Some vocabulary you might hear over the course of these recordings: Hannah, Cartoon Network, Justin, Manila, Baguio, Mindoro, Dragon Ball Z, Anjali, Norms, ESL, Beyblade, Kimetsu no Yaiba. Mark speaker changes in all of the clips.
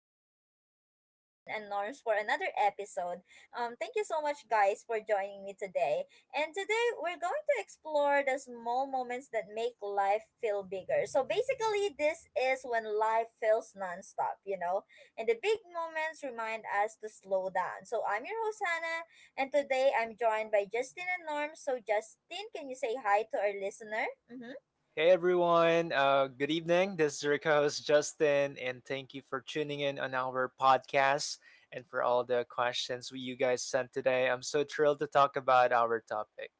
Speaker 1: and welcome Justin and Norms for another episode. Thank you so much, guys, for joining me today. And today we're going to explore the small moments that make life feel bigger. So basically, this is when life feels nonstop, you know, and the big moments remind us to slow down. So I'm your host, Hannah, and today I'm joined by Justin and Norms. So, Justin, can you say hi to our listener? Mm-hmm.
Speaker 2: Hey everyone, good evening. This is your host Justin, and thank you for tuning in on our podcast and for all the questions you guys sent today. I'm so thrilled to talk about our topic.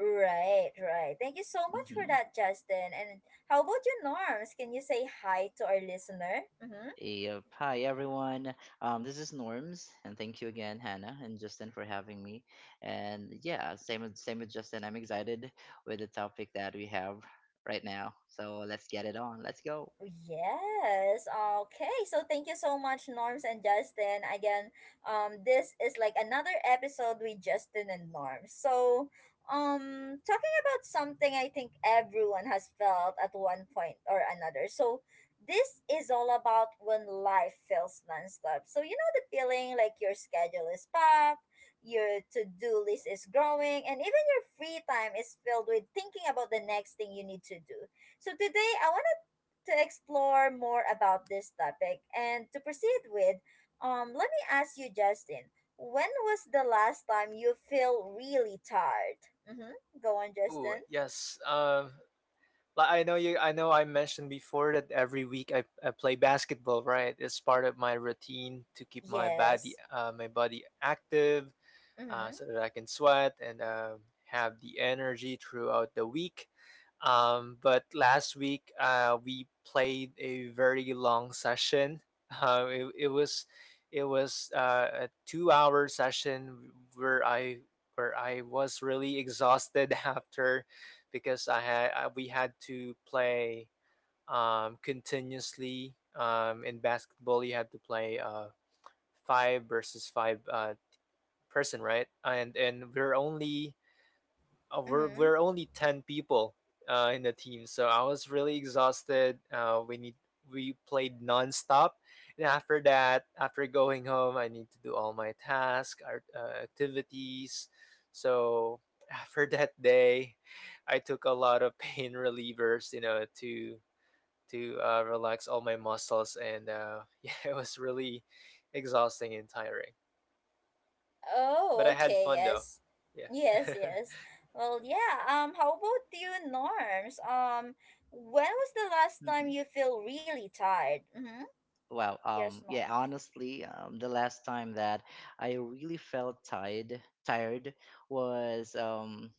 Speaker 1: Right, right. Thank you so much for
Speaker 3: Mm-hmm.
Speaker 1: that, Justin. And how about you, Norms? Can you say hi to our listener? Mm-hmm.
Speaker 3: Yep. Hi, everyone. This is Norms, and thank you again, Hannah and Justin, for having me. And yeah, same with Justin. I'm excited with the topic that we have right now. So let's get it on. Let's go.
Speaker 1: Yes. Okay. So thank you so much, Norms and Justin. Again, this is like another episode with Justin and Norms. So, talking about something I think everyone has felt at one point or another. So this is all about when life feels nonstop. So you know the feeling, like your schedule is packed, your to-do list is growing, and even your free time is filled with thinking about the next thing you need to do. So today I want to explore more about this topic and to proceed with, let me ask you, Justin, when was the last time you feel really tired? Mm-hmm. Go on,
Speaker 2: Ooh,
Speaker 1: Justin.
Speaker 2: yes. I know I mentioned before that every week I play basketball. Right, it's part of my routine to keep my body
Speaker 1: Yes.
Speaker 2: uh, my body active,
Speaker 1: Mm-hmm.
Speaker 2: so that I can sweat and have the energy throughout the week. But last week, we played a very long session. Uh, it, it was it was a 2-hour session where I was really exhausted after, because we had to play continuously. In basketball, you have to play five versus five person, right? And we're only uh, we're
Speaker 1: Mm-hmm.
Speaker 2: we're only ten people in the team, so I was really exhausted. We played nonstop, and after that, after going home, I need to do all our activities. So after that day, I took a lot of pain relievers, to relax all my muscles, and yeah, it was really exhausting and tiring. But
Speaker 1: Oh,
Speaker 2: I had
Speaker 1: okay.
Speaker 2: fun though.
Speaker 1: Yes.
Speaker 2: Yeah.
Speaker 1: Yes, yes. Well, yeah. How about you, Norms? When was the last time
Speaker 3: hmm
Speaker 1: you feel really tired? Mm-hmm.
Speaker 3: Wow.
Speaker 1: Yes, Norms.
Speaker 3: Yeah. Honestly, the last time that I really felt tired was um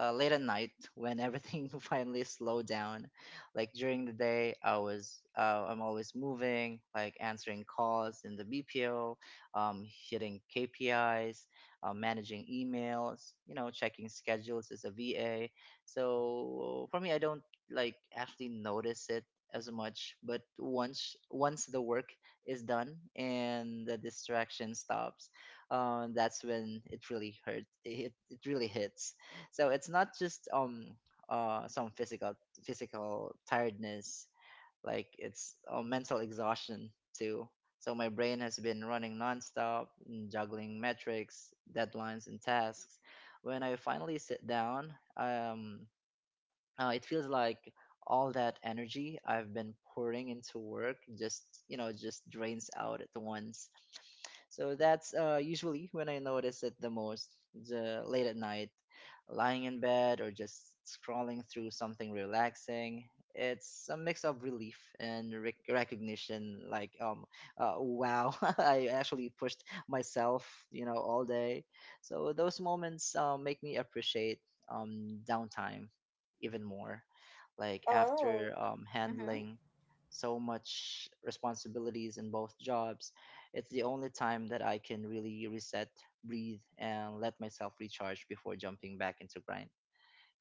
Speaker 3: uh, late at night when everything finally slowed down. Like during the day, I'm always moving, like answering calls in the BPO, hitting KPIs, managing emails, you know, checking schedules as a VA. So for me, I don't like actually notice it as much, but once the work is done and the distraction stops, that's when it really hurts. It really hits. So it's not just some physical tiredness. Like it's mental exhaustion too. So my brain has been running nonstop, juggling metrics, deadlines, and tasks. When I finally sit down, it feels like all that energy I've been pouring into work just, you know, just drains out at once. So that's usually when I notice it the most, the late at night, lying in bed or just scrolling through something relaxing. It's a mix of relief and recognition, like, wow, I actually pushed myself, you know, all day. So those moments make me appreciate downtime even more. Like after
Speaker 1: Oh. Mm-hmm.
Speaker 3: handling so much responsibilities in both jobs, it's the only time that I can really reset, breathe, and let myself recharge before jumping back into grind.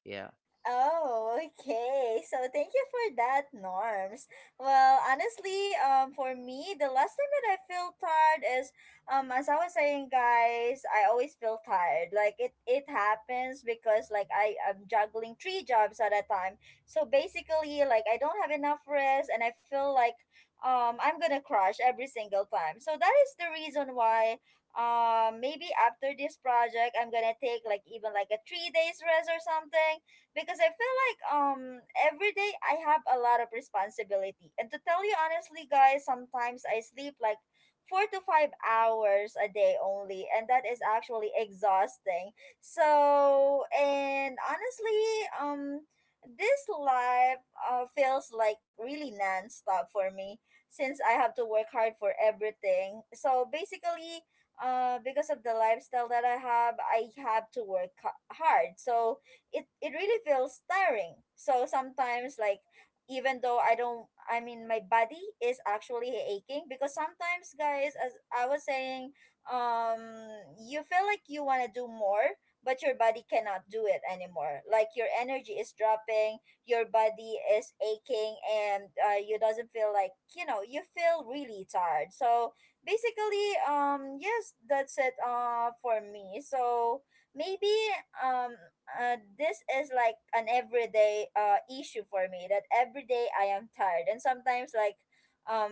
Speaker 3: Yeah.
Speaker 1: Oh, okay. So thank you for that, Norms. Well, honestly, for me, the last time that I feel tired is, as I was saying, guys, I always feel tired. Like it happens because like I am juggling three jobs at a time. So basically, like I don't have enough rest, and I feel like, I'm gonna crash every single time. So that is the reason why. Maybe after this project, I'm gonna take like even like a 3 days rest or something because I feel like every day I have a lot of responsibility. And to tell you honestly, guys, sometimes I sleep like 4 to 5 hours a day only, and that is actually exhausting. So and honestly, um this life feels like really non-stop for me since I have to work hard for everything. So basically, because of the lifestyle that I have to work hard. So it really feels tiring. So sometimes like even though I don't I mean my body is actually aching because sometimes, guys, as I was saying, um you feel like you want to do more, but your body cannot do it anymore. Like your energy is dropping, your body is aching, and you doesn't feel like, you know, you feel really tired. So basically, yes, that's it for me. So maybe, um this is like an everyday issue for me, that every day I am tired. And sometimes like, um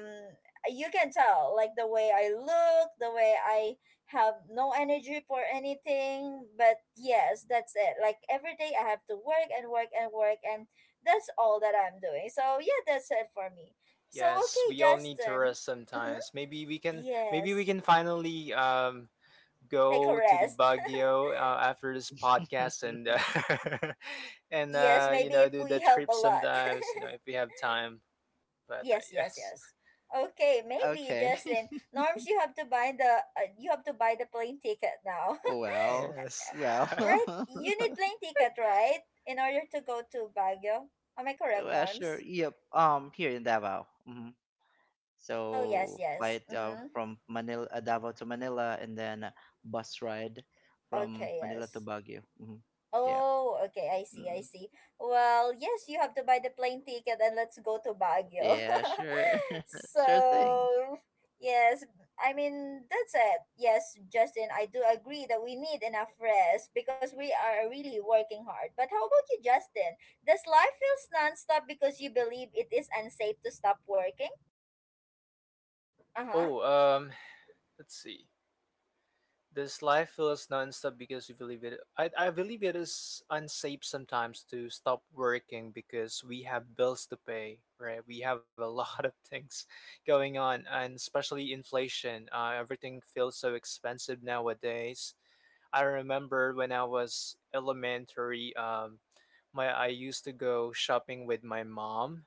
Speaker 1: you can tell, like the way I look, the way I have no energy for anything. But yes, that's it. Like every day I have to work and work and work, and that's all that I'm doing. So yeah, that's it for me. So
Speaker 2: Yes,
Speaker 1: okay,
Speaker 2: we all need to
Speaker 1: Justin.
Speaker 2: rest
Speaker 1: Mm-hmm.
Speaker 2: sometimes. Maybe we can maybe we
Speaker 1: Yes.
Speaker 2: can finally
Speaker 1: Take a
Speaker 2: go to the
Speaker 1: rest.
Speaker 2: Baguio after this podcast and and
Speaker 1: Yes,
Speaker 2: uh you
Speaker 1: maybe
Speaker 2: know
Speaker 1: if
Speaker 2: do
Speaker 1: we
Speaker 2: the
Speaker 1: help a
Speaker 2: trip
Speaker 1: lot.
Speaker 2: sometimes, if we have time. But
Speaker 1: Yes,
Speaker 2: yes.
Speaker 1: yes, yes. Okay, maybe
Speaker 3: Okay.
Speaker 1: Justin. Norms, you have to buy the you have to buy the plane ticket now,
Speaker 3: Well,
Speaker 2: Yes.
Speaker 1: right?
Speaker 3: well,
Speaker 1: You need plane ticket, right, in order to go to Baguio. Am I correct,
Speaker 3: well, sure.
Speaker 1: Norms?
Speaker 3: Yep. Here in Davao. Mhm.
Speaker 1: Oh yes,
Speaker 3: So
Speaker 1: yes.
Speaker 3: flight
Speaker 1: Mm-hmm.
Speaker 3: from Manila, Davao to Manila, and then bus ride from
Speaker 1: Okay,
Speaker 3: Manila to
Speaker 1: yes.
Speaker 3: Baguio. Yeah.
Speaker 1: Oh, okay, I see, I
Speaker 3: Mm.
Speaker 1: see. Well, yes, you have to buy the plane ticket and let's go to Baguio.
Speaker 3: Yeah, sure. Sure thing.
Speaker 1: So, yes, I mean, that's it. Yes, Justin, I do agree that we need enough rest because we are really working hard. But how about you, Justin? Does life feels nonstop because you believe it is unsafe to stop working? Uh-huh.
Speaker 2: Oh, let's see. This life feels nonstop because you believe it. I believe it is unsafe sometimes to stop working, because we have bills to pay, right? We have a lot of things going on, and especially inflation. Everything feels so expensive nowadays. I remember when I was elementary, my I used to go shopping with my mom,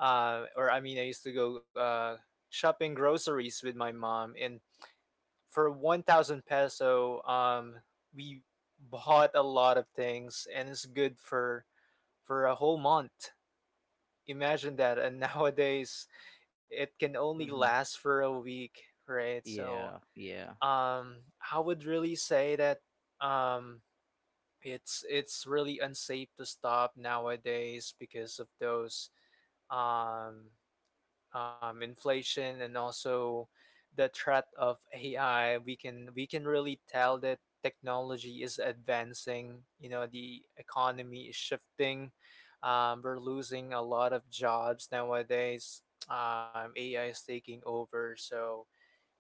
Speaker 2: or I mean, I used to go shopping groceries with my mom, and for 1,000 peso, we bought a lot of things, and it's good for a whole month. Imagine that. And nowadays it can only
Speaker 3: hmm
Speaker 2: last for a week, right? So
Speaker 3: Yeah, yeah.
Speaker 2: um I would really say that um it's really unsafe to stop nowadays because of those um inflation, and also the threat of AI. We can really tell that technology is advancing. You know, the economy is shifting. We're losing a lot of jobs nowadays. AI is taking over, so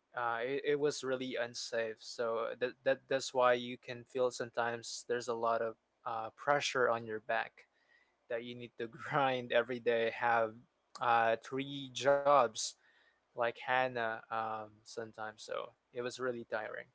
Speaker 2: it was really unsafe. So that's why you can feel sometimes there's a lot of pressure on your back, that you need to grind every day, have three jobs like Hannah sometimes. So it was really tiring.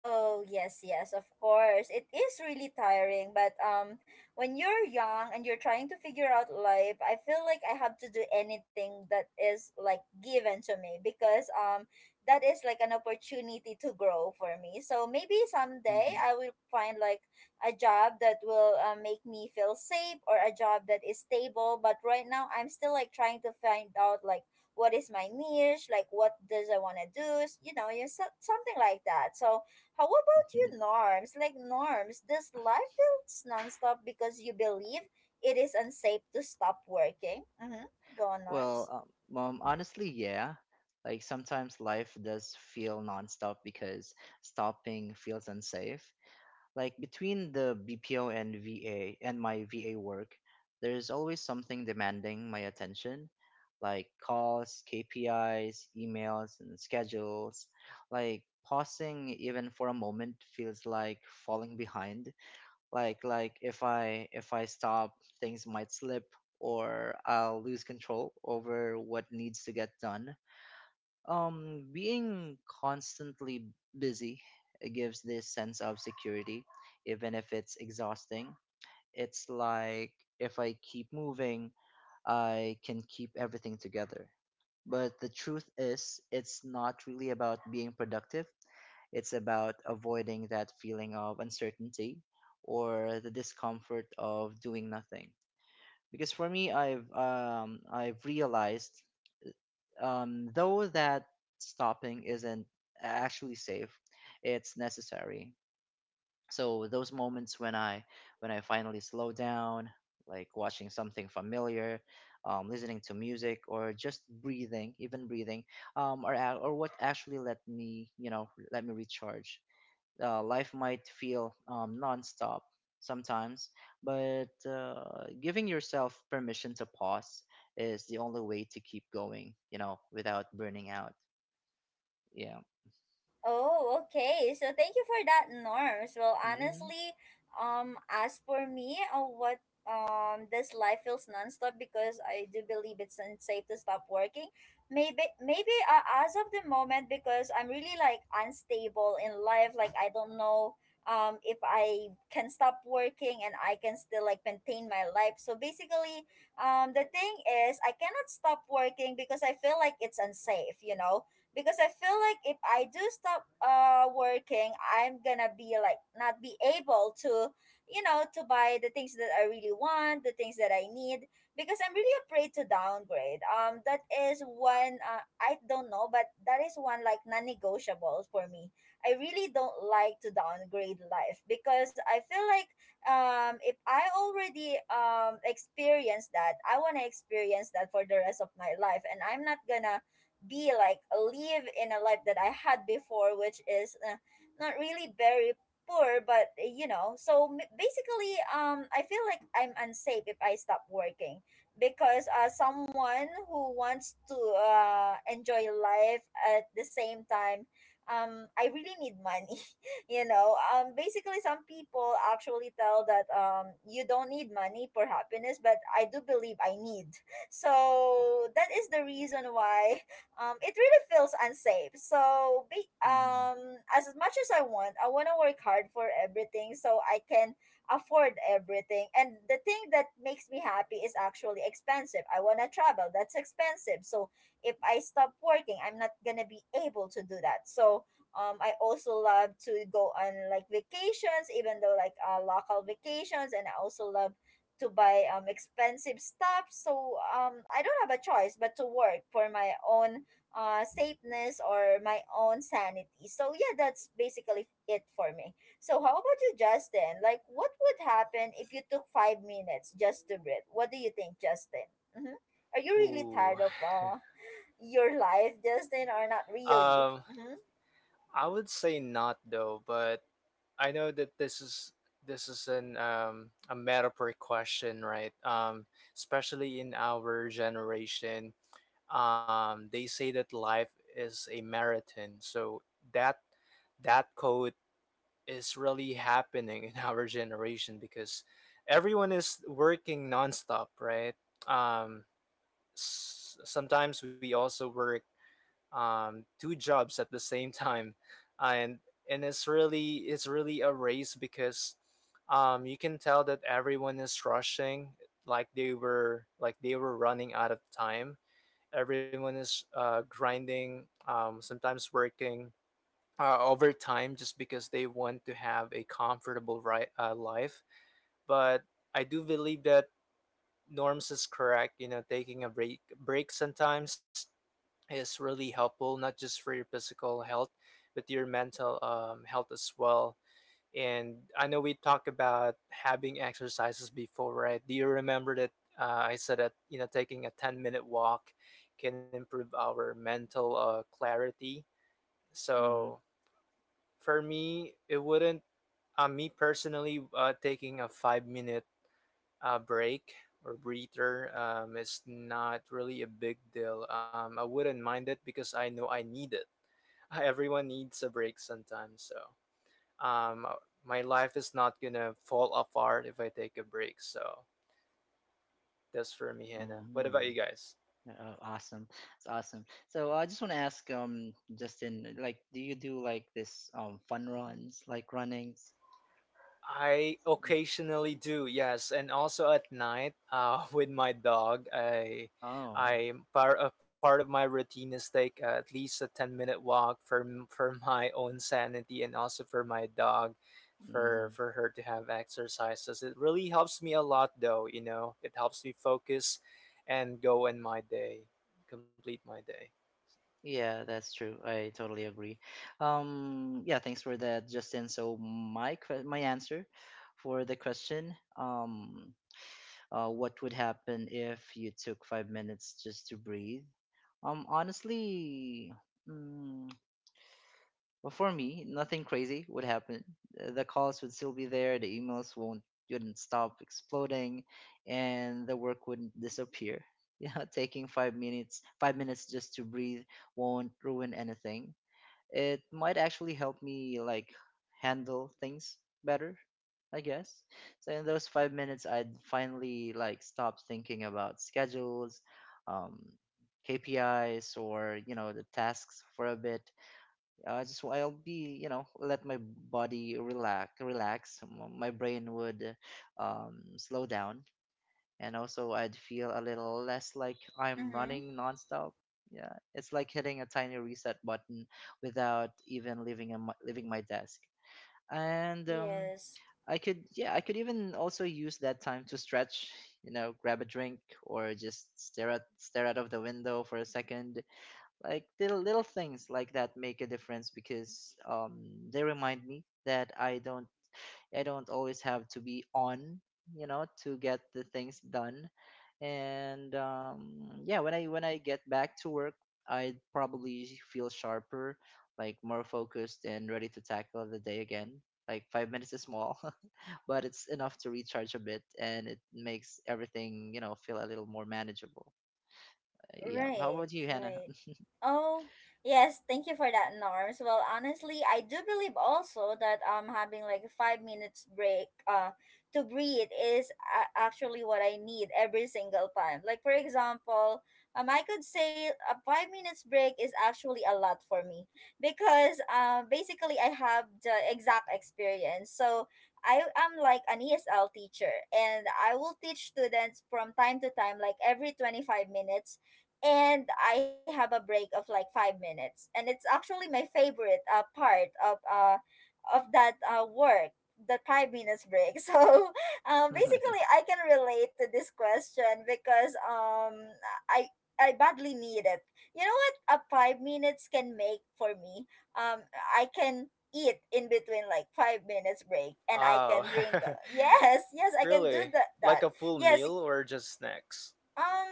Speaker 1: Oh, yes, yes, of course. It is really tiring, but when you're young and you're trying to figure out life, I feel like I have to do anything that is like given to me, because that is like an opportunity to grow for me. So maybe someday
Speaker 3: hmm
Speaker 1: I will find like a job that will make me feel safe, or a job that is stable, but right now I'm still like trying to find out like what is my niche, like what does I want to do, you know, you something like that. So how about you,
Speaker 3: hmm
Speaker 1: Norms? Like, Norms, does life feels nonstop because you believe it is unsafe to stop working? Mm-hmm. Go on,
Speaker 3: Well,
Speaker 1: Norms.
Speaker 3: honestly, yeah. Like sometimes life does feel nonstop because stopping feels unsafe. Like between the BPO and VA and my VA work, there's always something demanding my attention, like calls, KPIs, emails, and schedules. Like pausing even for a moment feels like falling behind. Like, like if I stop, things might slip or I'll lose control over what needs to get done. Being constantly busy gives this sense of security, even if it's exhausting. It's like if I keep moving, I can keep everything together. But the truth is, it's not really about being productive, it's about avoiding that feeling of uncertainty or the discomfort of doing nothing. Because for me, I've realized, though, that stopping isn't actually safe, it's necessary. So those moments when I finally slow down, like watching something familiar, listening to music, or just breathing, even breathing, are ac- or what actually let me, you know, let me recharge. Life might feel, nonstop sometimes, but giving yourself permission to pause is the only way to keep going, you know, without burning out. Yeah.
Speaker 1: Oh, okay. So thank you for that, Norms. Well,
Speaker 3: hmm
Speaker 1: honestly, as for me, what this life feels nonstop because I do believe it's unsafe to stop working. Maybe as of the moment, because I'm really like unstable in life. Like I don't know if I can stop working and I can still like maintain my life. So basically, the thing is I cannot stop working because I feel like it's unsafe. You know, because I feel like if I do stop working, I'm gonna be like not be able to, you know, to buy the things that I really want, the things that I need, because I'm really afraid to downgrade. That is one. I don't know, but that is one like non-negotiables for me. I really don't like to downgrade life, because I feel like if I already experience that, I wanna experience that for the rest of my life, and I'm not gonna be like live in a life that I had before, which is not really very poor, but you know. So basically, I feel like I'm unsafe if I stop working because someone who wants to enjoy life at the same time, I really need money you know. Basically, some people actually tell that you don't need money for happiness, but I do believe I need. So that is the reason why it really feels unsafe. So,
Speaker 3: hmm
Speaker 1: as much as I want to work hard for everything so I can afford everything. And the thing that makes me happy is actually expensive. I want to travel, that's expensive. So, if I stop working, I'm not going to be able to do that. So, I also love to go on like vacations, even though like local vacations, and I also love to buy expensive stuff. So I don't have a choice but to work for my own safeness or my own sanity. So yeah, that's basically it for me. So how about you, Justin? Like, what would happen if you took 5 minutes just to breathe? What do you think, Justin? Mm-hmm. Are you really
Speaker 2: Ooh.
Speaker 1: tired of your life, Justin, or not really?
Speaker 2: Um,
Speaker 1: Mm-hmm.
Speaker 2: I would say not though, but I know that this is an a metaphor question, right? Especially in our generation, they say that life is a marathon. So that that code is really happening in our generation, because everyone is working nonstop, right? Um, sometimes we also work two jobs at the same time, and and it's really a race, because you can tell that everyone is rushing, like they were running out of time. Everyone is grinding, sometimes working overtime, just because they want to have a comfortable, life. But I do believe that Norms is correct. Taking a break sometimes is really helpful, not just for your physical health, but your mental health as well. And I know we talked about having exercises before, right? Do you remember that I said that taking a 10-minute walk can improve our mental clarity?
Speaker 3: hmm
Speaker 2: So for me, it wouldn't. Me personally, taking a 5-minute break or breather is not really a big deal. I wouldn't mind it because I know I need it. Everyone needs a break sometimes. So, um, my life is not gonna fall apart if I take a break. So that's for me, Hannah. What about
Speaker 3: hmm
Speaker 2: you guys?
Speaker 3: Oh, awesome. It's awesome. So I just want to ask, Justin, like, do you do like this fun runs, like runnings?
Speaker 2: I occasionally do, yes, and also at night, with my dog.
Speaker 3: Oh.
Speaker 2: I part A part of my routine is take at least a 10-minute walk, for my own sanity, and also for my dog, for her to have exercises. It really helps me a lot, though. You know, it helps me focus, and go in my day, complete my day.
Speaker 3: Yeah, that's true. I totally agree. Yeah, thanks for that, Justin. So my answer for the question, what would happen if you took 5 minutes just to breathe? Honestly, mm, well, for me, nothing crazy would happen. The calls would still be there. The emails won't wouldn't stop exploding, and the work wouldn't disappear. Yeah, taking five minutes just to breathe won't ruin anything. It might actually help me like handle things better, I guess. So in those 5 minutes, I'd finally like stop thinking about schedules, um KPIs, or, you know, the tasks for a bit. I'll be, you know, let my body relax. My brain would, slow down, and also I'd feel a little less like I'm
Speaker 1: Mm-hmm.
Speaker 3: running nonstop. Yeah, it's like hitting a tiny reset button without even leaving my desk. And,
Speaker 1: Yes.
Speaker 3: I could, yeah, I could even also use that time to stretch, you know, grab a drink, or just stare out of the window for a second. Like little things like that make a difference because, they remind me that I don't always have to be on, you know, to get the things done. And, yeah, when I get back to work, I probably feel sharper, like more focused and ready to tackle the day again. Like 5 minutes is small, but it's enough to recharge a bit, and it makes everything, you know, feel a little more manageable. Yeah. How
Speaker 1: Right,
Speaker 3: about you, Hannah?
Speaker 1: right. Oh, yes, thank you for that, Norms. Well, honestly, I do believe also that having like a 5 minutes break to breathe is actually what I need every single time. Like for example, I could say a 5 minutes break is actually a lot for me because basically I have the exact experience. So, I am like an ESL teacher and I will teach students from time to time like every 25 minutes, and I have a break of like 5 minutes. And it's actually my favorite part of that work, the 5 minutes break. So, basically, I can relate to this question because I I badly need it. You know what a 5 minutes can make for me. Um, I can eat in between like 5 minutes break, and I
Speaker 2: Wow,
Speaker 1: can drink yes, yes I can do
Speaker 2: really,
Speaker 1: that
Speaker 2: like
Speaker 1: that
Speaker 2: a full
Speaker 1: yes
Speaker 2: meal or just snacks?
Speaker 1: um,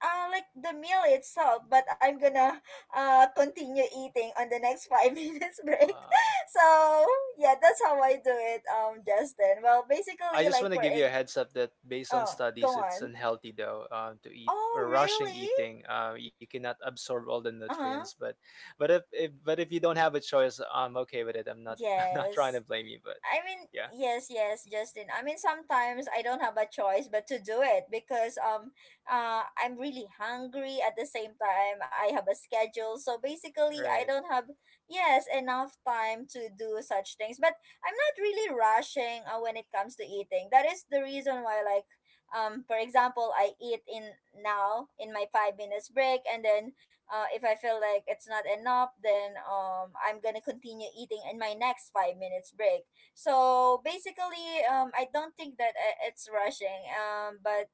Speaker 1: like the meal itself, but I'm gonna continue eating on the next five minutes break.
Speaker 2: Wow.
Speaker 1: So yeah, that's how I do it. Justin. Well,
Speaker 2: I
Speaker 1: basically,
Speaker 2: just
Speaker 1: like
Speaker 2: want to
Speaker 1: for
Speaker 2: give you a
Speaker 1: egg.
Speaker 2: heads up that based on
Speaker 1: Oh, go
Speaker 2: studies, it's
Speaker 1: on.
Speaker 2: unhealthy though to eat
Speaker 1: Oh,
Speaker 2: or rushing
Speaker 1: really?
Speaker 2: eating. You cannot absorb all the
Speaker 1: Uh
Speaker 2: nutrients,
Speaker 1: huh.
Speaker 2: but if you don't have a choice, I'm okay with it. I'm not I'm not trying
Speaker 1: Yes.
Speaker 2: to blame you, but
Speaker 1: I mean,
Speaker 2: yeah,
Speaker 1: yes, yes, Justin. I mean, sometimes I don't have a choice but to do it because I'm really hungry. At the same time, I have a schedule, so basically, I
Speaker 2: right,
Speaker 1: don't have yes enough time to do such things. But I'm not really rushing when it comes to eating. That is the reason why, like, for example, I eat in now in my 5 minutes break, and then if I feel like it's not enough, then I'm gonna continue eating in my next 5 minutes break. So basically, I don't think that it's rushing. But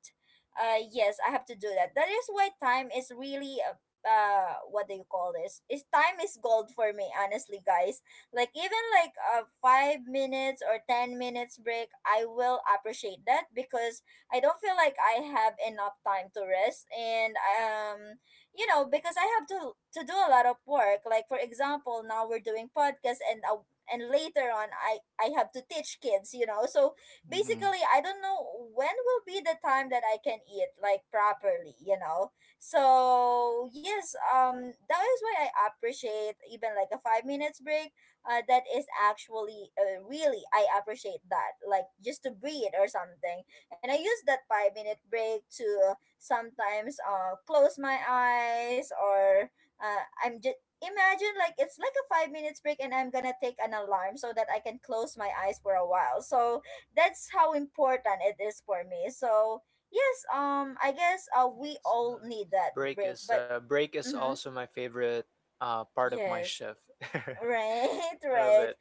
Speaker 1: yes, I have to do that. That is why time is really what do you call this? Is Time is gold for me, honestly, guys. Like even like a 5 minutes or 10 minutes break, I will appreciate that because I don't feel like I have enough time to rest. And you know Because I have to do a lot of work. Like for example, now we're doing podcast and later on I have to teach kids, you know. So
Speaker 3: hmm
Speaker 1: basically, I don't know when will be the time that I can eat like properly, you know. So yes, that is why I appreciate even like a 5 minutes break. That is actually really, I appreciate that, like just to breathe or something. And I use that 5 minute break to sometimes close my eyes or I'm just imagine like it's like a 5 minutes break and I'm gonna take an alarm so that I can close my eyes for a while. So that's how important it is for me. So yes, I guess we
Speaker 2: yes,
Speaker 1: all
Speaker 2: love it.
Speaker 1: need that
Speaker 2: Break
Speaker 1: break,
Speaker 2: is uh,
Speaker 1: but
Speaker 2: break is also
Speaker 1: mm-hmm,
Speaker 2: my favorite part of my
Speaker 1: yes.
Speaker 2: shift.
Speaker 1: Right,
Speaker 2: I love
Speaker 1: right.
Speaker 2: it.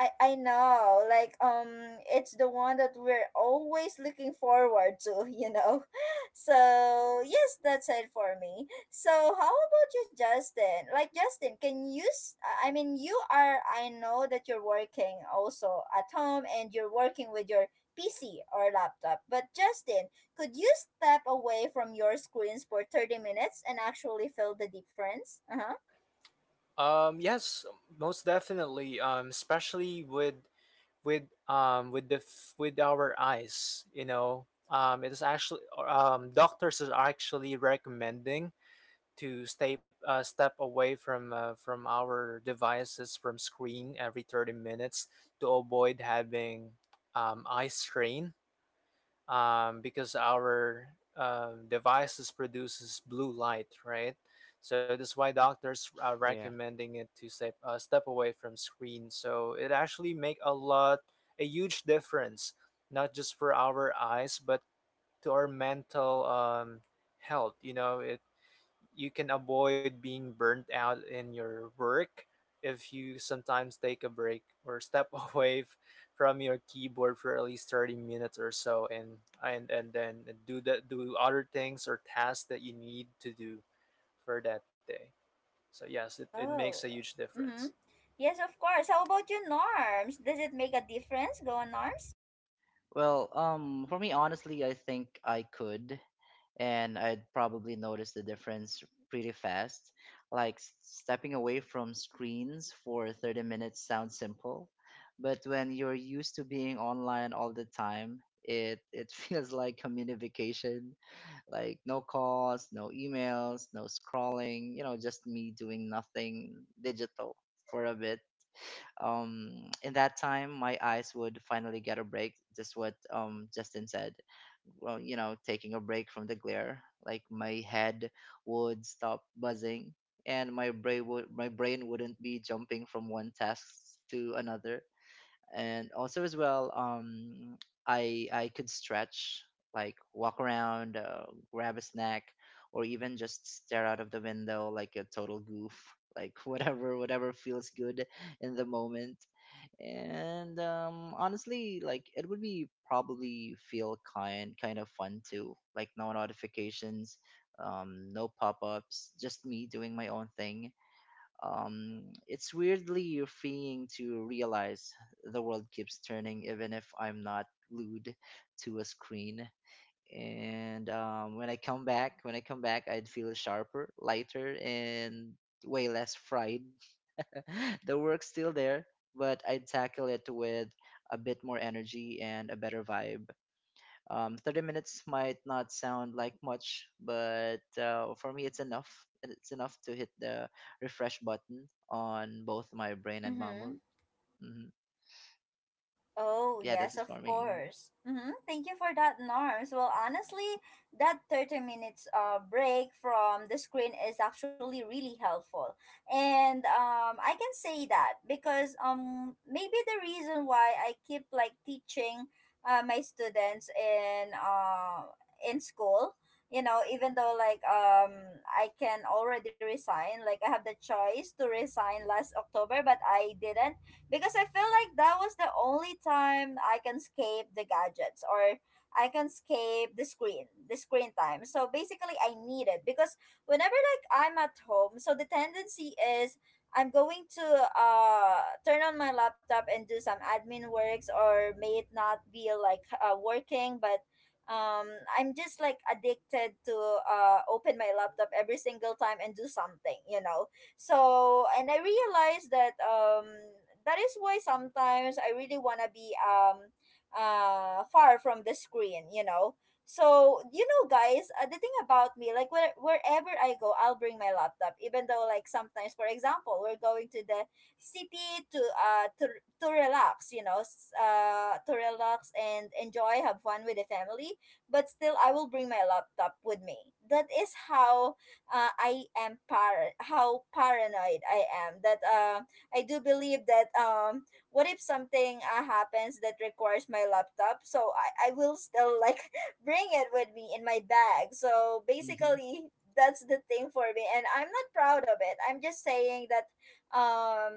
Speaker 1: I know. It's the one that we're always looking forward to, you know. So yes, that's it for me. So how about you, Justin? Like Justin, can you s- I mean, you are, I know that you're working also at home and you're working with your PC or laptop. But Justin, could you step away from your screens for 30 minutes and actually feel the difference? Uh-huh.
Speaker 2: Yes, most definitely. Especially with our eyes. You know it is actually Doctors are actually recommending to stay step away from our devices, from screen, every 30 minutes, to avoid having eye strain, because our devices produces blue light, right? So that's why doctors are
Speaker 3: Yeah.
Speaker 2: recommending it to step away from screen. So it actually make a huge difference, not just for our eyes, but to our mental health. You know, it you can avoid being burnt out in your work if you sometimes take a break, or step away from your keyboard for at least 30 minutes or so, and then do other things or tasks that you need to do for that day. So yes, it makes a
Speaker 1: Oh.
Speaker 2: huge difference.
Speaker 1: Mm-hmm. Yes, of course. How about you, Norms? Does it make a difference, go on Norms?
Speaker 3: Well, for me, honestly, I think I could, and I'd probably notice the difference pretty fast. Like, stepping away from screens for 30 minutes sounds simple, but when you're used to being online all the time, it feels like community. Like no calls, no emails, no scrolling, you know, just me doing nothing digital for a bit. In that time my eyes would finally get a break, just what, Justin said. Well, you know, taking a break from the glare, like my head would stop buzzing, and my brain wouldn't be jumping from one task to another. And also as well, I could stretch, like walk around, grab a snack, or even just stare out of the window like a total goof. Like whatever feels good in the moment. And, honestly, like it would be probably feel kind of fun too. Like no notifications, no pop-ups, just me doing my own thing. It's weirdly freeing to realize the world keeps turning even if I'm not glued to a screen. And, when I come back, I'd feel sharper, lighter, and way less fried. The work's still there, but I tackle it with a bit more energy and a better vibe. 30 minutes might not sound like much, but, for me, it's enough. It's enough to hit the refresh button on both my brain and my
Speaker 1: Mm-hmm.
Speaker 3: mood. hmm
Speaker 1: Oh,
Speaker 3: Yeah, that's
Speaker 1: yes,
Speaker 3: it
Speaker 1: of
Speaker 3: for me.
Speaker 1: course. Mm-hmm. Thank you for that, Norms. Well, honestly, that 30 minutes break from the screen is actually really helpful. And I can say that because maybe the reason why I keep like teaching my students in school, you know, even though like I can already resign, like I have the choice to resign last October, but I didn't because I feel like that was the only time I can escape the gadgets or I can escape the screen time. So basically, I need it because whenever like I'm at home, so the tendency is I'm going to uh turn on my laptop and do some admin works, or may it not be like working, but um I'm just like addicted to open my laptop every single time and do something, you know. So, and I realized that that is why sometimes I really want to be far from the screen, you know. So, you know guys, the thing about me, like wherever I go, I'll bring my laptop, even though like sometimes, for example, we're going to the city to to relax, you know, s- to relax and enjoy, have fun with the family, but still I will bring my laptop with me. That is how I am par- how paranoid I am that I do believe that what if something happens that requires my laptop. So I will still like bring it with me in my bag. So
Speaker 3: Mm-hmm.
Speaker 1: basically, that's the thing for me, and I'm not proud of it. I'm just saying that um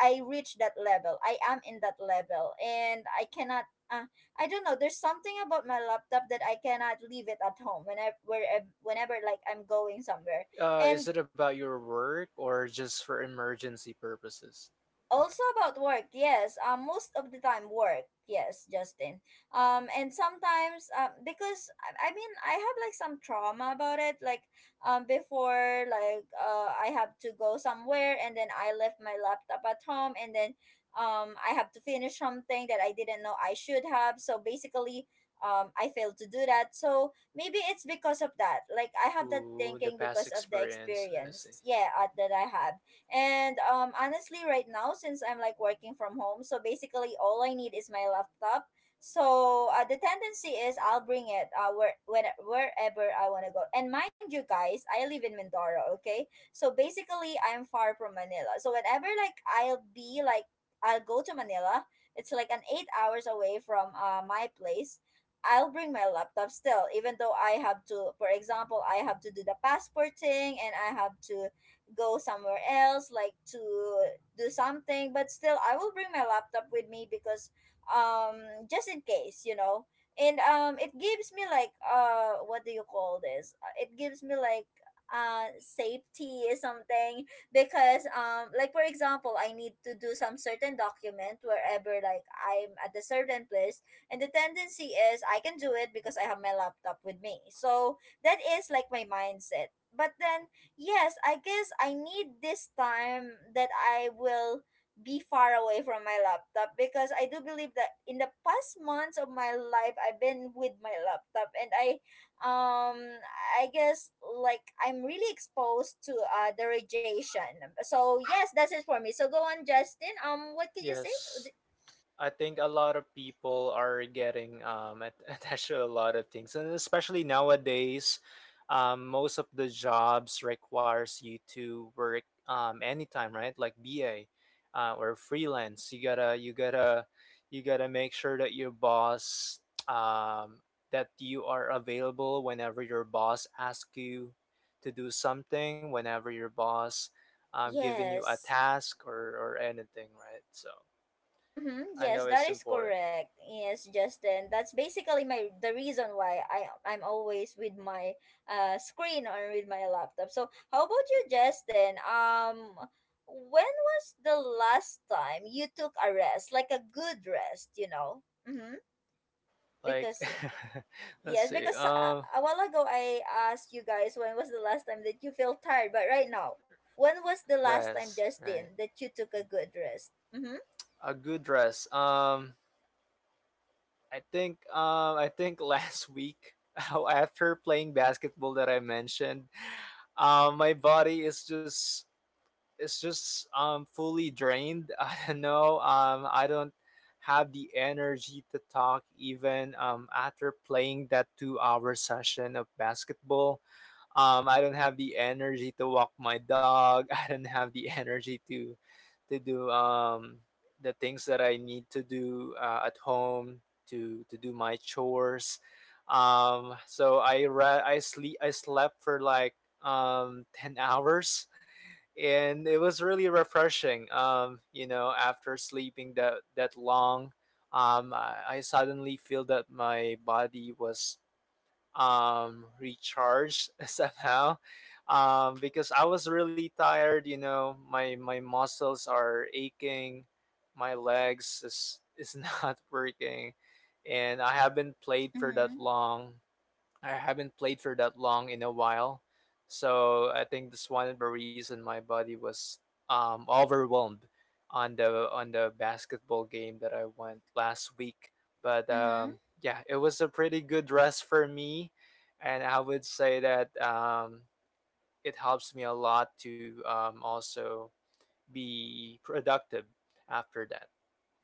Speaker 1: I reached that level, I am in that level, and I cannot uh, I don't know. There's something about my laptop that I cannot leave it at home whenever whenever like I'm going somewhere. And
Speaker 2: Is it about your work or just for emergency purposes?
Speaker 1: also about work, yes, most of the time work, yes Justin. And sometimes because I mean, I have like some trauma about it, like before, like I have to go somewhere and then I left my laptop at home and then I have to finish something that I didn't know I should have. So basically, I failed to do that. So maybe it's because of that, like I have that
Speaker 2: Ooh,
Speaker 1: thinking
Speaker 2: the
Speaker 1: because
Speaker 2: past
Speaker 1: of the
Speaker 2: experience. I
Speaker 1: experience,
Speaker 2: see.
Speaker 1: yeah, that I have. And honestly, right now, since I'm like working from home, so basically all I need is my laptop. So the tendency is I'll bring it wherever I want to go. And mind you, guys, I live in Mindoro, okay? So basically, I'm far from Manila. So whenever like I'll be like, I'll go to Manila, it's like an 8 hours away from my place. I'll bring my laptop still, even though I have to, for example, I have to do the passport thing and I have to go somewhere else like to do something, but still I will bring my laptop with me because um just in case, you know. And it gives me like what do you call this? It gives me like safety or something, because like for example, I need to do some certain document wherever, like I'm at a certain place, and the tendency is I can do it because I have my laptop with me. So that is like my mindset. But then yes, I guess I need this time that I will be far away from my laptop, because I do believe that in the past months of my life, I've been with my laptop. And um I guess like I'm really exposed to the radiation. So yes, that's it for me. So go on Justin. What can you say?
Speaker 2: Yes. I think a lot of people are getting attached to a lot of things, and especially nowadays, most of the jobs requires you to work anytime, right? Like BA or freelance. You gotta make sure that um, that you are available whenever your boss asks you to do something, whenever your boss giving you a
Speaker 1: Yes.
Speaker 2: task or anything, right? So.
Speaker 1: Mm-hmm.
Speaker 2: I know
Speaker 1: Yes,
Speaker 2: it's
Speaker 1: that is
Speaker 2: important.
Speaker 1: correct. Yes, Justin. That's basically my, the reason why I'm always with my screen or with my laptop. So how about you, Justin? When was the last time you took a rest, like a good rest? You know. Mm-hmm.
Speaker 2: Like,
Speaker 1: Because
Speaker 2: let's
Speaker 1: yes,
Speaker 2: see.
Speaker 1: because a while ago I asked you guys when was the last time that you felt tired, but right now, when was the last time,
Speaker 2: Rest, right?
Speaker 1: Justin, that you took a good rest? Mm-hmm.
Speaker 2: A good rest. I think last week, how after playing basketball that I mentioned, my body is just fully drained. I don't know. I don't have the energy to talk even after playing that 2-hour session of basketball. I don't have the energy to walk my dog. I don't have the energy to do the things that I need to do at home, to do my chores. So I re- I sleep I slept for like 10 hours, and it was really refreshing. After sleeping that long, I suddenly feel that my body was recharge somehow, because I was really tired. You know, my muscles are aching, my legs is not working, and I haven't played for
Speaker 1: Mm-hmm.
Speaker 2: that long. I haven't played for that long in a while. So I think that's one of the reason my body was overwhelmed on the basketball game that I went last week. But
Speaker 1: Mm-hmm.
Speaker 2: yeah, it was a pretty good rest for me, and I would say that it helps me a lot to also be productive after that.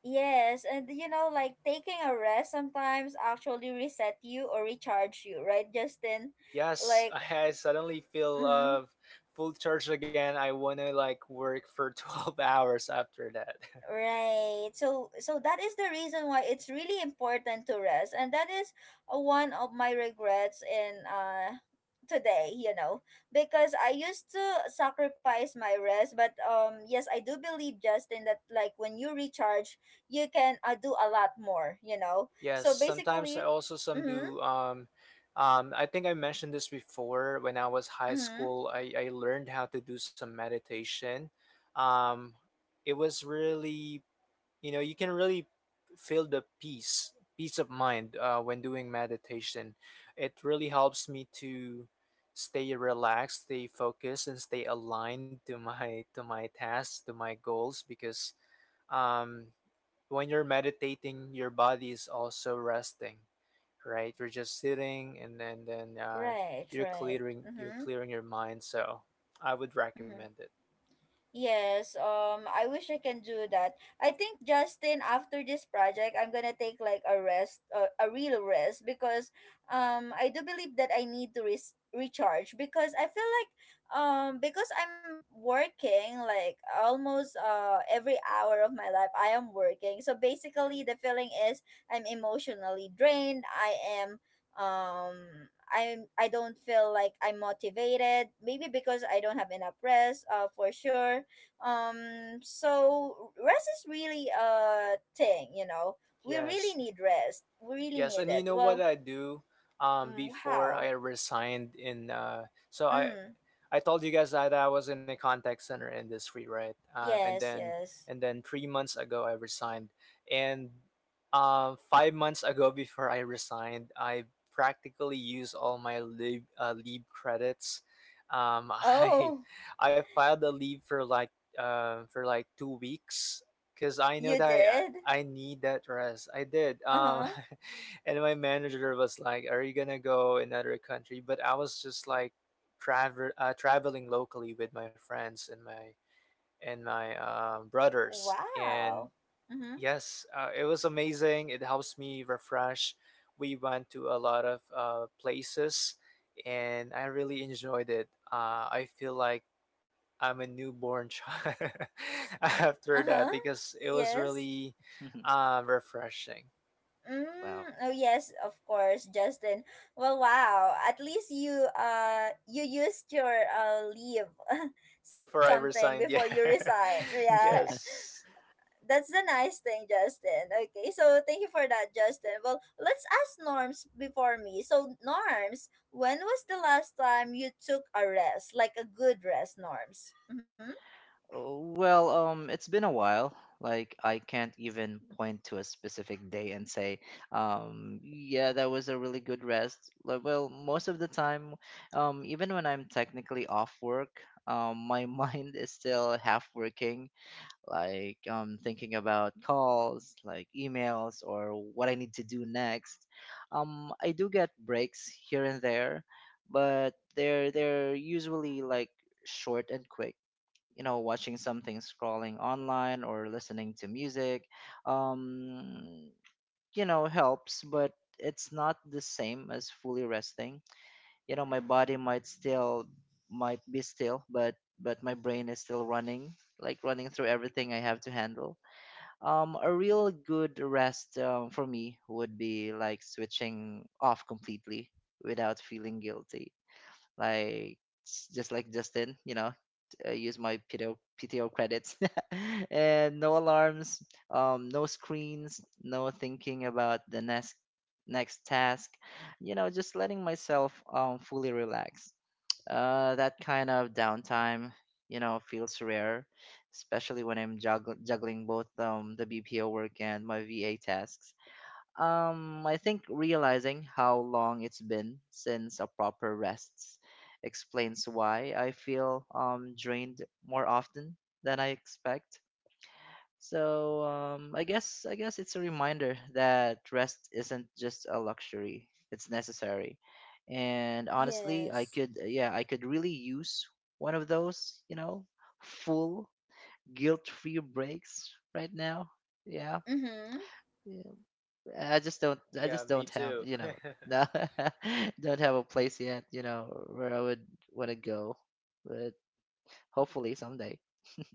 Speaker 1: Yes, and you know, like taking a rest sometimes actually reset you or recharge you, right, Justin?
Speaker 2: Yes,
Speaker 1: Like,
Speaker 2: I suddenly feel
Speaker 1: mm,
Speaker 2: of full charge again. I wanna like work for 12 hours after that.
Speaker 1: right. So, so that is the reason why it's really important to rest. And that is one of my regrets in today. You know, because I used to sacrifice my rest, but yes, I do believe Justin that like when you recharge, you can do a lot more. You know,
Speaker 2: Yes,
Speaker 1: so
Speaker 2: sometimes I
Speaker 1: basically,
Speaker 2: also some
Speaker 1: mm-hmm,
Speaker 2: do I think I mentioned this before. When I was high
Speaker 1: mm-hmm.
Speaker 2: school, I learned how to do some meditation. Um it was really, you can really feel the peace of mind when doing meditation. It really helps me to stay relaxed, stay focused, and stay aligned to my tasks, to my goals, because um, when you're meditating your body is also resting, right? You're just sitting, and then
Speaker 1: Right,
Speaker 2: you're
Speaker 1: right.
Speaker 2: clearing you're
Speaker 1: Mm-hmm.
Speaker 2: clearing your mind. So I would recommend
Speaker 1: Mm-hmm.
Speaker 2: it.
Speaker 1: Yes, I wish I can do that. I think Justin, after this project, I'm gonna take like a rest, a real rest, because I do believe that I need to res- recharge, because I feel like because I'm re- working like almost every hour of my life, I am working. So basically, the feeling is I'm emotionally drained. I am um. I'm, I don't feel like I'm motivated. Maybe because I don't have enough rest. For sure so rest is really a thing, you know. We really
Speaker 2: Yes.
Speaker 1: need rest, we really
Speaker 2: Yes, and
Speaker 1: need
Speaker 2: you
Speaker 1: it.
Speaker 2: know what
Speaker 1: Well,
Speaker 2: I do,
Speaker 1: mm,
Speaker 2: before
Speaker 1: wow.
Speaker 2: I resigned in so
Speaker 1: Mm,
Speaker 2: I told you guys that I was in a contact center industry, right? And
Speaker 1: yes,
Speaker 2: then
Speaker 1: yes.
Speaker 2: and then 3 months ago I resigned, and 5 months ago before I resigned, I practically used all my leave leave credits. Um, I
Speaker 1: Oh,
Speaker 2: I filed a leave for like 2 weeks because I know
Speaker 1: you
Speaker 2: that
Speaker 1: did.
Speaker 2: I need that rest. I did.
Speaker 1: Uh-huh.
Speaker 2: And my manager was like, "Are you gonna go another country?" But I was just like travel traveling locally with my friends and my brothers and
Speaker 1: Wow. Mm-hmm.
Speaker 2: yes, it was amazing. It helps me refresh. We went to a lot of places, and I really enjoyed it. I feel like I'm a newborn child after
Speaker 1: Uh-huh.
Speaker 2: that because it was
Speaker 1: Yes.
Speaker 2: really refreshing.
Speaker 3: Wow.
Speaker 1: Mm, oh yes, of course Justin. Well, wow, at least you you used your leave
Speaker 2: Before I
Speaker 1: something before
Speaker 2: resigned,
Speaker 1: you
Speaker 2: yeah.
Speaker 1: resigned, yeah.
Speaker 2: Yes.
Speaker 1: That's the nice thing, Justin. Okay, so thank you for that, Justin. Well, let's ask Norms before me. So Norms, when was the last time you took a rest, like a good rest, Norms? Mm-hmm.
Speaker 3: Oh, well, it's been a while. Like I can't even point to a specific day and say, yeah, that was a really good rest. Like, well, most of the time, even when I'm technically off work, my mind is still half working, like, thinking about calls, like emails, or what I need to do next. I do get breaks here and there, but they're usually like short and quick, you know, watching something, scrolling online, or listening to music. um you know, helps, but it's not the same as fully resting. You know, my body might be still, but my brain is still running, like running through everything I have to handle. A real good rest, for me would be like switching off completely without feeling guilty. Like, just like Justin, you know, use my PTO credits, and no alarms, no screens, no thinking about the next task, you know, just letting myself, fully relax. That kind of downtime, you know, feels rare, especially when I'm juggling both, the BPO work and my VA tasks. I think realizing how long it's been since a proper rests explains why I feel, drained more often than I expect. So, I guess it's a reminder that rest isn't just a luxury; it's necessary. And honestly,
Speaker 1: Yes.
Speaker 3: I could really use one of those, you know, full guilt-free breaks right now. Yeah.
Speaker 1: Mm-hmm.
Speaker 3: Yeah. I just
Speaker 2: Yeah,
Speaker 3: don't
Speaker 2: me
Speaker 3: have,
Speaker 2: too.
Speaker 3: you know. No, don't have a place yet, you know, where I would want to go. But hopefully someday.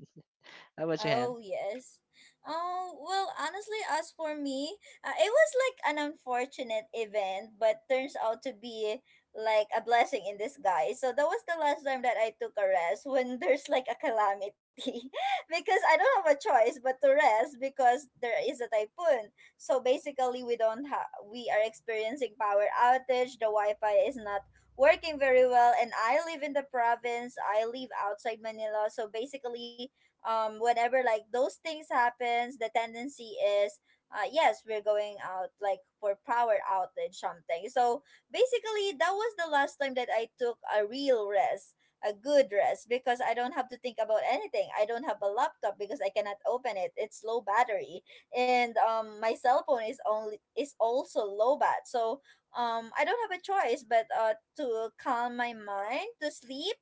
Speaker 3: How about you, Han?
Speaker 1: Oh, yes. Oh, well, honestly, as for me, it was like an unfortunate event, but turns out to be like a blessing in disguise. So that was the last time that I took a rest when there's like a calamity. Because I don't have a choice but to rest, because there is a typhoon. So basically, we don't have we are experiencing power outage, the Wi-Fi is not working very well, and I live in the province. I live outside Manila. So basically, whenever like those things happens, the tendency is yes, we're going out like for power outage something. So basically, that was the last time that I took a real rest, a good rest, because I don't have to think about anything. I don't have a laptop because I cannot open it, it's low battery. And my cell phone is only is also low bat. So I don't have a choice but to calm my mind, to sleep.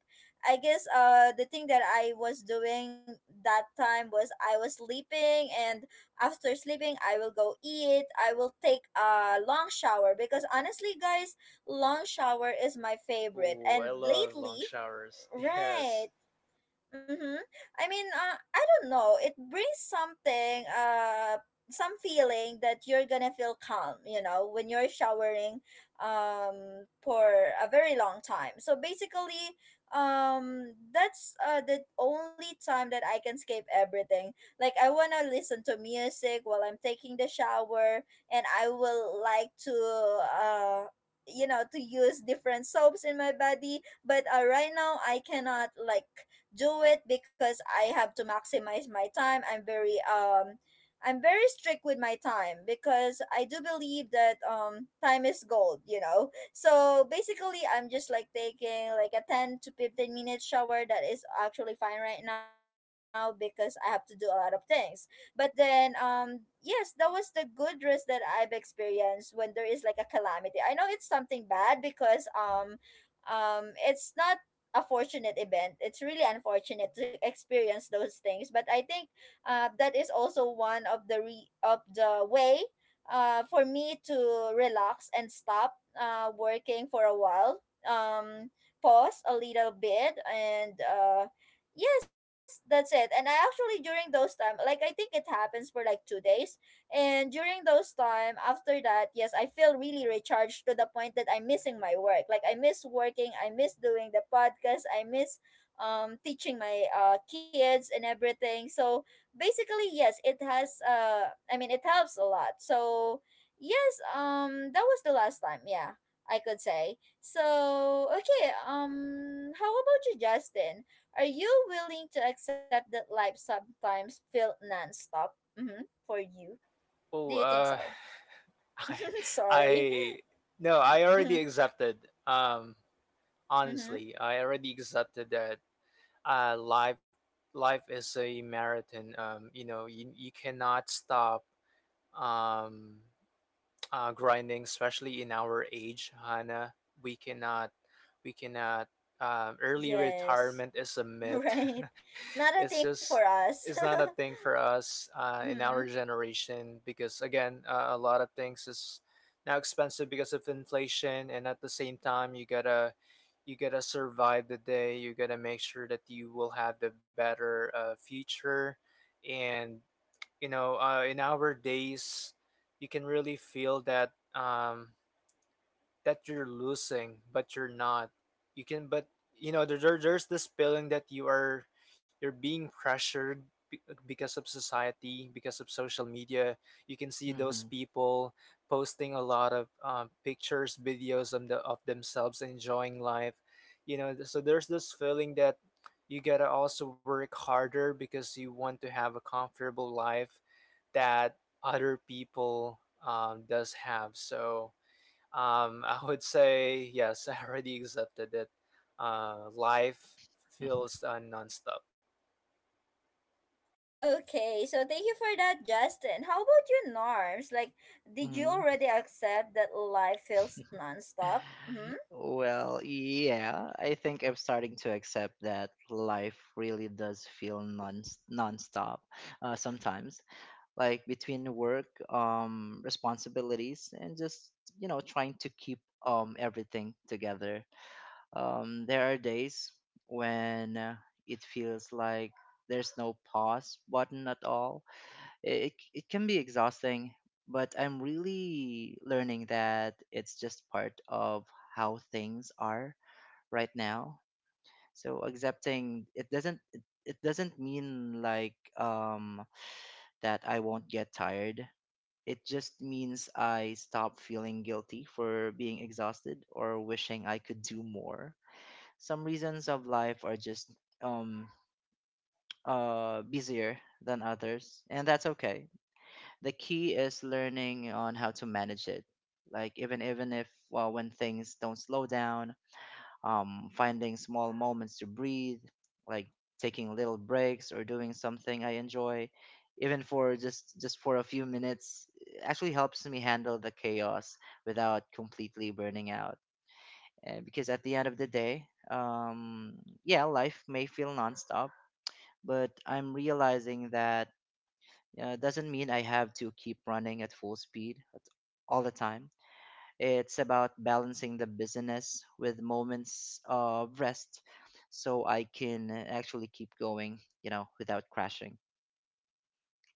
Speaker 1: I guess the thing that I was doing that time was I was sleeping, and after sleeping I will go eat. I will take a long shower, because honestly guys, long shower is my favorite.
Speaker 2: Oh,
Speaker 1: And
Speaker 2: I love long
Speaker 1: lately,
Speaker 2: showers.
Speaker 1: right.
Speaker 2: Yes.
Speaker 1: Mm-hmm. I mean, I don't know. It brings something, some feeling that you're gonna feel calm, you know, when you're showering, for a very long time. So basically, that's the only time that I can escape everything. Like I wanna listen to music while I'm taking the shower, and I will like to, uh, you know, to use different soaps in my body. But right now, I cannot like do it because I have to maximize my time. I'm very strict with my time because I do believe that time is gold, you know. So basically I'm just like taking like a 10 to 15 minute shower that is actually fine right now because I have to do a lot of things. But then yes, that was the good risk that I've experienced when there is like a calamity. I know it's something bad because it's not a fortunate event. It's really unfortunate to experience those things, but I think that is also one of the way for me to relax and stop working for a while. Um, pause a little bit and yes, that's it. And I actually during those time, like I think it happens for like 2 days. And during those time, after that, yes, I feel really recharged to the point that I'm missing my work. Like I miss working, I miss doing the podcast, I miss teaching my kids and everything. So basically, yes, it has I mean it helps a lot. So yes, that was the last time, yeah, I could say. So okay, how about you, Justin? Are you willing to accept that life sometimes felt non-stop? Mm-hmm. For you. Do
Speaker 2: Oh,
Speaker 1: you think so?
Speaker 2: I,
Speaker 1: Sorry.
Speaker 2: I, no, I already
Speaker 1: Mm-hmm.
Speaker 2: accepted. Um,
Speaker 1: Mm-hmm.
Speaker 2: honestly, I already accepted that. Uh, life, life is a marathon. You know, you cannot stop. Um, grinding, especially in our age, Hannah. We cannot, we cannot. Early
Speaker 1: Yes.
Speaker 2: retirement is a myth.
Speaker 1: Right. Not
Speaker 2: It's
Speaker 1: a thing
Speaker 2: just,
Speaker 1: for us.
Speaker 2: it's not a thing for us in our
Speaker 1: Mm-hmm.
Speaker 2: generation because again, a lot of things is now expensive because of inflation, and at the same time, you gotta survive the day. You gotta make sure that you will have the better future, and you know in our days you can really feel that um, that you're losing but you're not. You can, but you know there's this feeling that you are, you're being pressured because of society, because of social media. You can see those
Speaker 3: hmm
Speaker 2: people posting a lot of pictures, videos of, of themselves enjoying life, you know. So there's this feeling that you gotta also work harder because you want to have a comfortable life that other people does have. So I would say yes. I already accepted it. Life feels nonstop.
Speaker 1: Okay. So thank you for that, Justin. How about you, Norms? Like, did you
Speaker 3: hmm
Speaker 1: already accept that life feels nonstop? Mm-hmm.
Speaker 3: Well, yeah, I think I'm starting to accept that life really does feel nonstop, sometimes, like between work, responsibilities, and just, you know, trying to keep, everything together. There are days when, it feels like there's no pause button at all. It can be exhausting, but I'm really learning that it's just part of how things are right now. So accepting it it doesn't mean like, that I won't get tired. It just means I stop feeling guilty for being exhausted or wishing I could do more. Some reasons of life are just um busier than others, and that's okay. The key is learning on how to manage it. Like even even if well, when things don't slow down, finding small moments to breathe, like taking little breaks or doing something I enjoy, even for just for a few minutes, actually helps me handle the chaos without completely burning out. And because at the end of the day, um yeah, life may feel nonstop, but I'm realizing that doesn't mean I have to keep running at full speed all the time. It's about balancing the business with moments of rest, so I can actually keep going without crashing.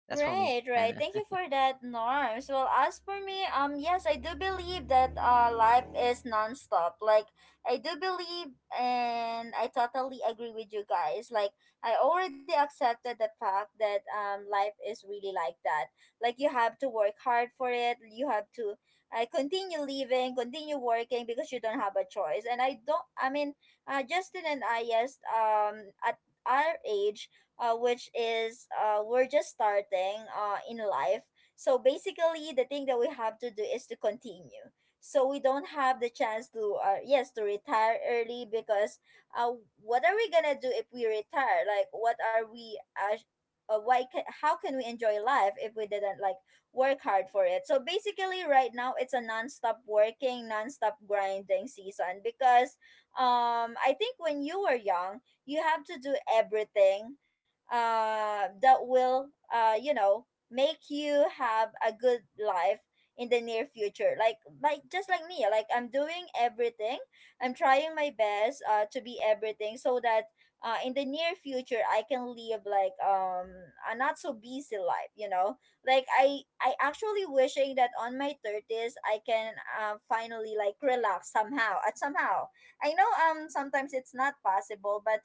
Speaker 3: That's for me,
Speaker 1: Right, right.
Speaker 3: Hannah.
Speaker 1: Thank you for that, Norms. Well, as for me, yes, I do believe that life is nonstop. Like, I do believe, and I totally agree with you guys. Like, I already accepted the fact that life is really like that. Like, you have to work hard for it. You have to continue living, continue working because you don't have a choice. And I don't. I mean, Justin and I, yes, at our age which is we're just starting in life. So basically, the thing that we have to do is to continue. So we don't have the chance to, yes, to retire early because uh, what are we gonna do if we retire? Like, what are we? Why? How can we enjoy life if we didn't like work hard for it? So basically, right now it's a non-stop working, non-stop grinding season because I think when you were young, you have to do everything that will, you know, make you have a good life in the near future. Like just like me, like I'm doing everything. I'm trying my best to be everything so that in the near future I can live like a not so busy life. You know, like I actually wishing that on my 30s I can finally like relax somehow. At somehow I know sometimes it's not possible, but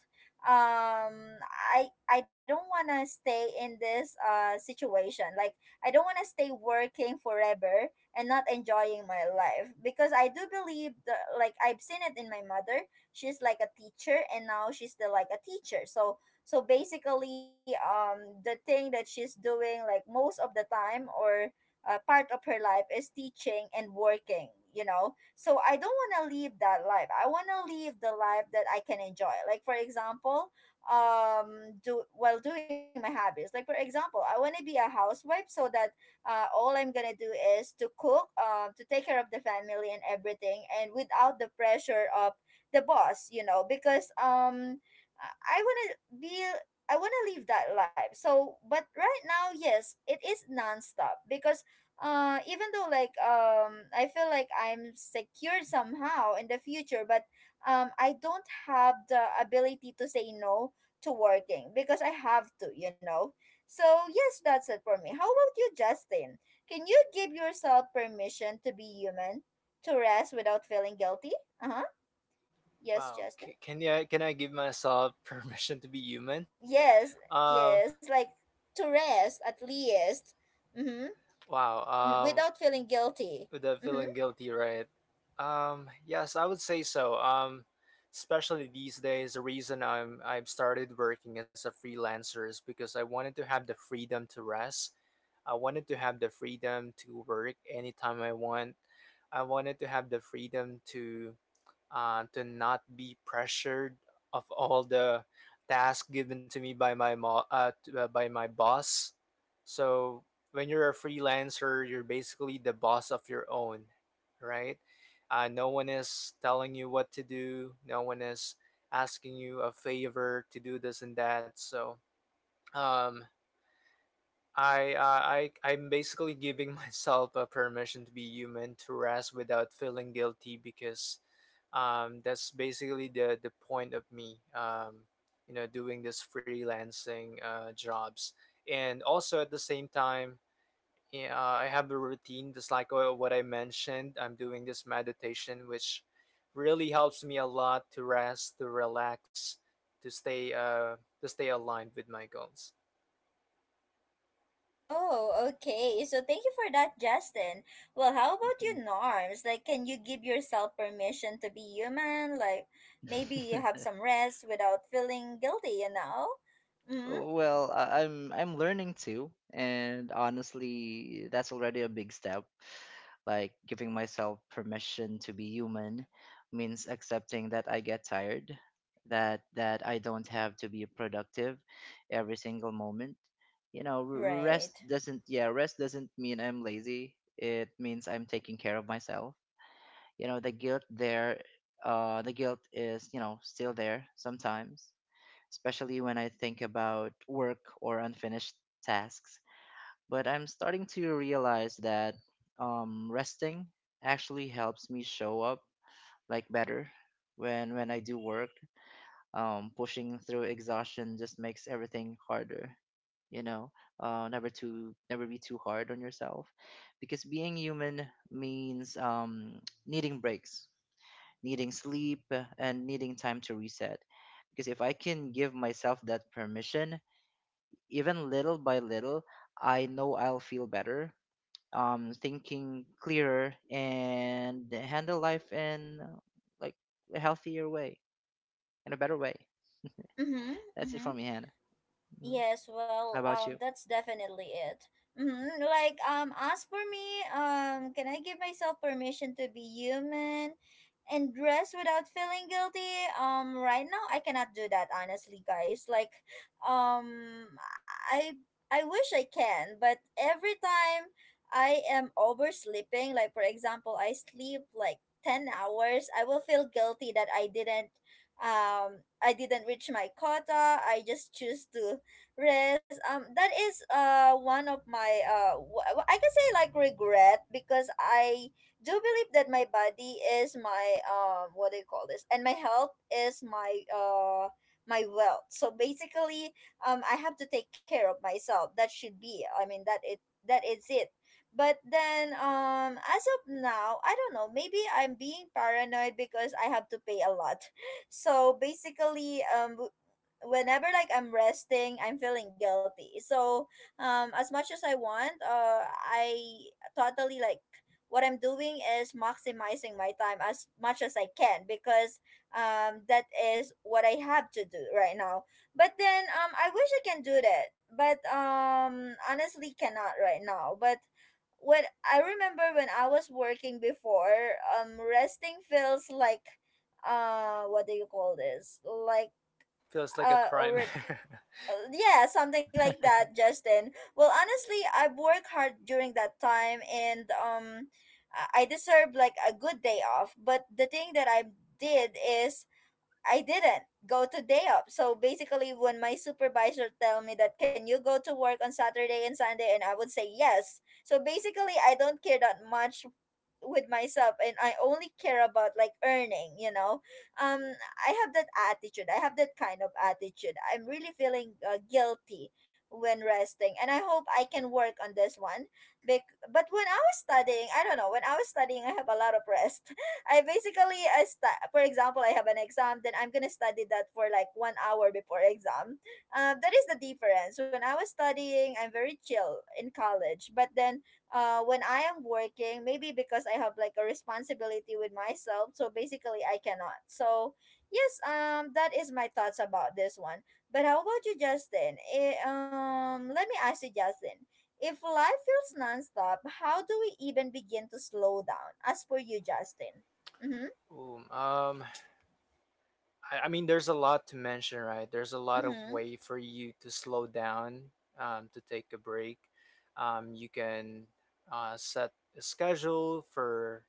Speaker 1: um I don't want to stay in this situation. Like I don't want to stay working forever and not enjoying my life, because I do believe that, like, I've seen it in my mother. She's like a teacher and now she's still like a teacher. So basically the thing that she's doing like most of the time, or part of her life, is teaching and working, you know. So I don't want to live that life. I want to live the life that I can enjoy. Like for example, do while doing my hobbies. Like for example, I want to be a housewife so that all I'm gonna do is to cook, to take care of the family and everything, and without the pressure of the boss. You know, because I want to be I want to live that life. So, but right now, yes, it is nonstop because even though, like, I feel like I'm secure somehow in the future, but I don't have the ability to say no to working because I have to, you know. So yes, that's it for me. How about you, Justin? Can you give yourself permission to be human, to rest without feeling guilty? Uh-huh. Yes,
Speaker 2: Wow.
Speaker 1: Justin.
Speaker 2: Can I give myself permission to be human?
Speaker 1: Yes,
Speaker 2: Um.
Speaker 1: yes, like to rest at least. Mm-hmm.
Speaker 2: Wow.
Speaker 1: Without feeling guilty.
Speaker 2: Without
Speaker 1: Mm-hmm.
Speaker 2: feeling guilty, right? Yes, I would say so. Especially these days, the reason I've started working as a freelancer is because I wanted to have the freedom to rest. I wanted to have the freedom to work anytime I want. I wanted to have the freedom to not be pressured of all the tasks given to me by my by my boss. So when you're a freelancer, you're basically the boss of your own, right? No one is telling you what to do. No one is asking you a favor to do this and that. So um, I'm basically giving myself a permission to be human, to rest without feeling guilty, because that's basically the point of me. You know, doing this freelancing jobs, and also at the same time yeah, I have a routine just like what I mentioned. I'm doing this meditation, which really helps me a lot to rest, to relax, to stay uh to stay aligned with my goals.
Speaker 1: Oh, okay. So thank you for that, Justin. Well, how about you, Norms? Like, can you give yourself permission to be human? Like, maybe have some rest without feeling guilty, you know? Mm-hmm.
Speaker 3: Well, I'm learning too, and honestly, that's already a big step. Like giving myself permission to be human means accepting that I get tired, that I don't have to be productive every single moment. You know, r- rest
Speaker 1: Right.
Speaker 3: doesn't yeah, rest doesn't mean I'm lazy. It means I'm taking care of myself. You know, the guilt is, you know, still there sometimes, especially when I think about work or unfinished tasks. But I'm starting to realize that resting actually helps me show up like better when I do work. Pushing through exhaustion just makes everything harder. You know, never be too hard on yourself, because being human means needing breaks, needing sleep, and needing time to reset. Because if I can give myself that permission, even little by little, I know I'll feel better, thinking clearer and handle life in like a healthier way, in a better way.
Speaker 1: Mm-hmm.
Speaker 3: That's it for
Speaker 1: Mm-hmm.
Speaker 3: me, Hannah. Mhm.
Speaker 1: Yes,
Speaker 3: How
Speaker 1: well,
Speaker 3: about you?
Speaker 1: that's definitely it. Mm-hmm. Like, as for me, can I give myself permission to be human and dress without feeling guilty? Right now I cannot do that, honestly, guys. Like, um I I wish I can, but every time I am oversleeping, like for example I sleep like 10 hours, I will feel guilty that I didn't reach my quota. I just choose to rest. That is one of my I can say like regret, because I do believe that my body is my what do you call this, and my health is my wealth. So basically I have to take care of myself, that should be, I mean, that is it. But then as of now, I don't know, maybe I'm being paranoid because I have to pay a lot. So basically whenever, like, I'm resting, I'm feeling guilty. So, as much as I want, I totally like what I'm doing is maximizing my time as much as I can because that is what I have to do right now. But then I wish I can do that, but honestly cannot right now. But when I remember, when I was working before, resting feels like, what do you call this? Like,
Speaker 2: Feels like a crime.
Speaker 1: already. Yeah, something like that, Justin. Well, honestly, I've worked hard during that time, and I deserve like a good day off, but the thing that I did is I didn't go to day off. So basically when my supervisor tell me that can you go to work on Saturday and Sunday, and I would say yes. So basically I don't care that much with myself, and I only care about like earning, you know. Um I have that attitude. I have that kind of attitude. I'm really feeling guilty when resting, and I hope I can work on this one. But when I was studying, I don't know, when I was studying, I have a lot of rest. I basically I stu- For example, I have an exam, then I'm going to study that for like 1 hour before exam. That is the difference. When I was studying, I'm very chill in college, but then when I am working, maybe because I have like a responsibility with myself, so basically I cannot. So yes, that is my thoughts about this one. But how about you, Justin? Eh, let me ask you, Justin. If life feels nonstop, how do we even begin to slow down? As for you, Justin. Mm-hmm.
Speaker 2: Ooh, I mean, there's a lot to mention, right? There's a lot of
Speaker 1: Mm-hmm.
Speaker 2: way for you to slow down, to take a break. You can set a schedule for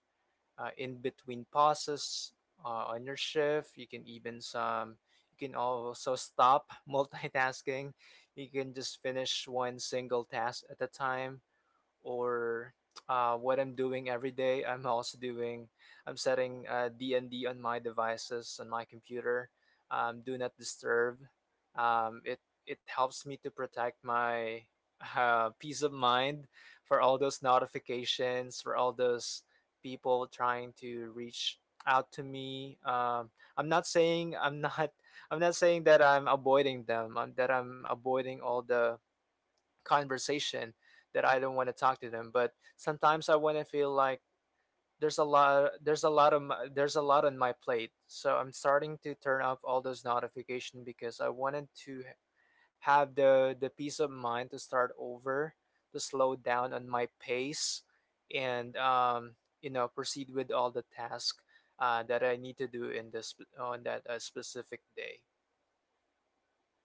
Speaker 2: in between pauses on your shift. You can even some. You can also stop multitasking. You can just finish one single task at a time or what I'm doing every day. I'm setting D and D on my devices, on my computer. Do not disturb. Um, it, it helps me to protect my peace of mind for all those notifications, for all those people trying to reach out to me. I'm not saying I'm not I'm not saying that I'm avoiding them. That I'm avoiding all the conversation, that I don't want to talk to them. But sometimes I want to feel like there's a lot of my, there's a lot on my plate. So I'm starting to turn off all those notifications because I wanted to have the peace of mind to start over, to slow down on my pace, and you know, proceed with all the tasks that I need to do in this on that specific day.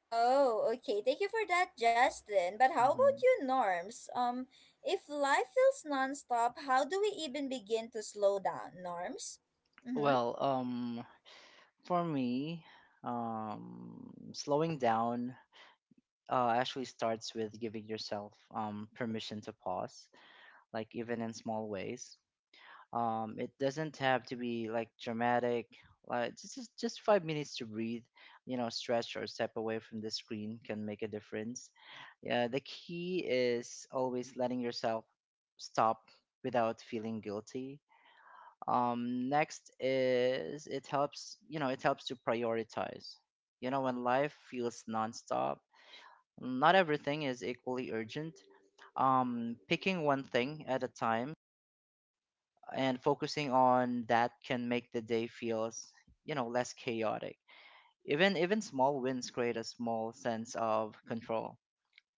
Speaker 1: Oh, okay. Thank you for that, Justin. But how about
Speaker 3: Hmm.
Speaker 1: you, Norms? If life feels nonstop, how do we even begin to slow down, Norms? Mm-hmm.
Speaker 3: Well, for me, slowing down actually starts with giving yourself permission to pause, like even in small ways. It doesn't have to be like dramatic. Like just 5 minutes to breathe, you know, stretch or step away from the screen can make a difference. Yeah, the key is always letting yourself stop without feeling guilty. Next is it helps, you know, it helps to prioritize. You know, when life feels nonstop, not everything is equally urgent. Picking one thing at a time and focusing on that can make the day feels, you know, less chaotic. Even small wins create a small sense of control.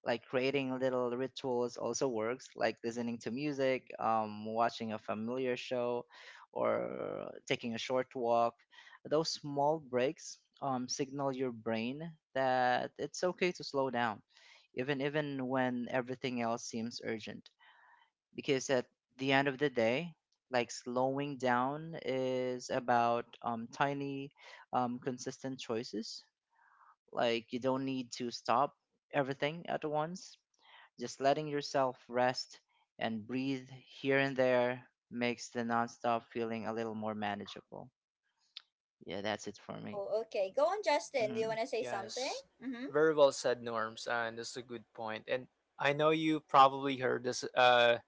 Speaker 3: Like creating little rituals also works, like listening to music, watching a familiar show, or taking a short walk. Those small breaks, signal your brain that it's okay to slow down, even when everything else seems urgent. Because at the end of the day, like slowing down is about tiny, consistent choices. Like you don't need to stop everything at once. Just letting yourself rest and breathe here and there makes the nonstop feeling a little more manageable. Yeah, that's it for me.
Speaker 1: Oh, okay. Go on, Justin. Do you
Speaker 3: Hmm.
Speaker 1: want to say something?
Speaker 2: Yes,
Speaker 1: Mm-hmm.
Speaker 2: very well said, Norms, and that's a good point. And I know you probably heard this.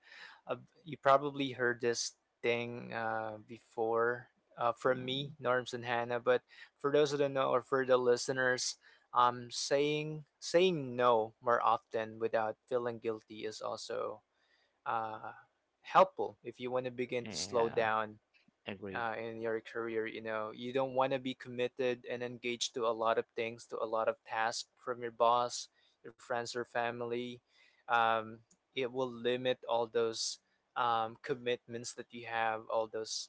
Speaker 2: uh you probably heard this thing before from me, Norms and Hannah. But for those who don't know, or for the listeners, saying no more often without feeling guilty is also uh helpful if you want to begin to slow
Speaker 3: Yeah,
Speaker 2: down
Speaker 3: agree.
Speaker 2: in your career. You know, you don't want to be committed and engaged to a lot of things, to a lot of tasks from your boss, your friends or family. um, it will limit all those commitments that you have, all those.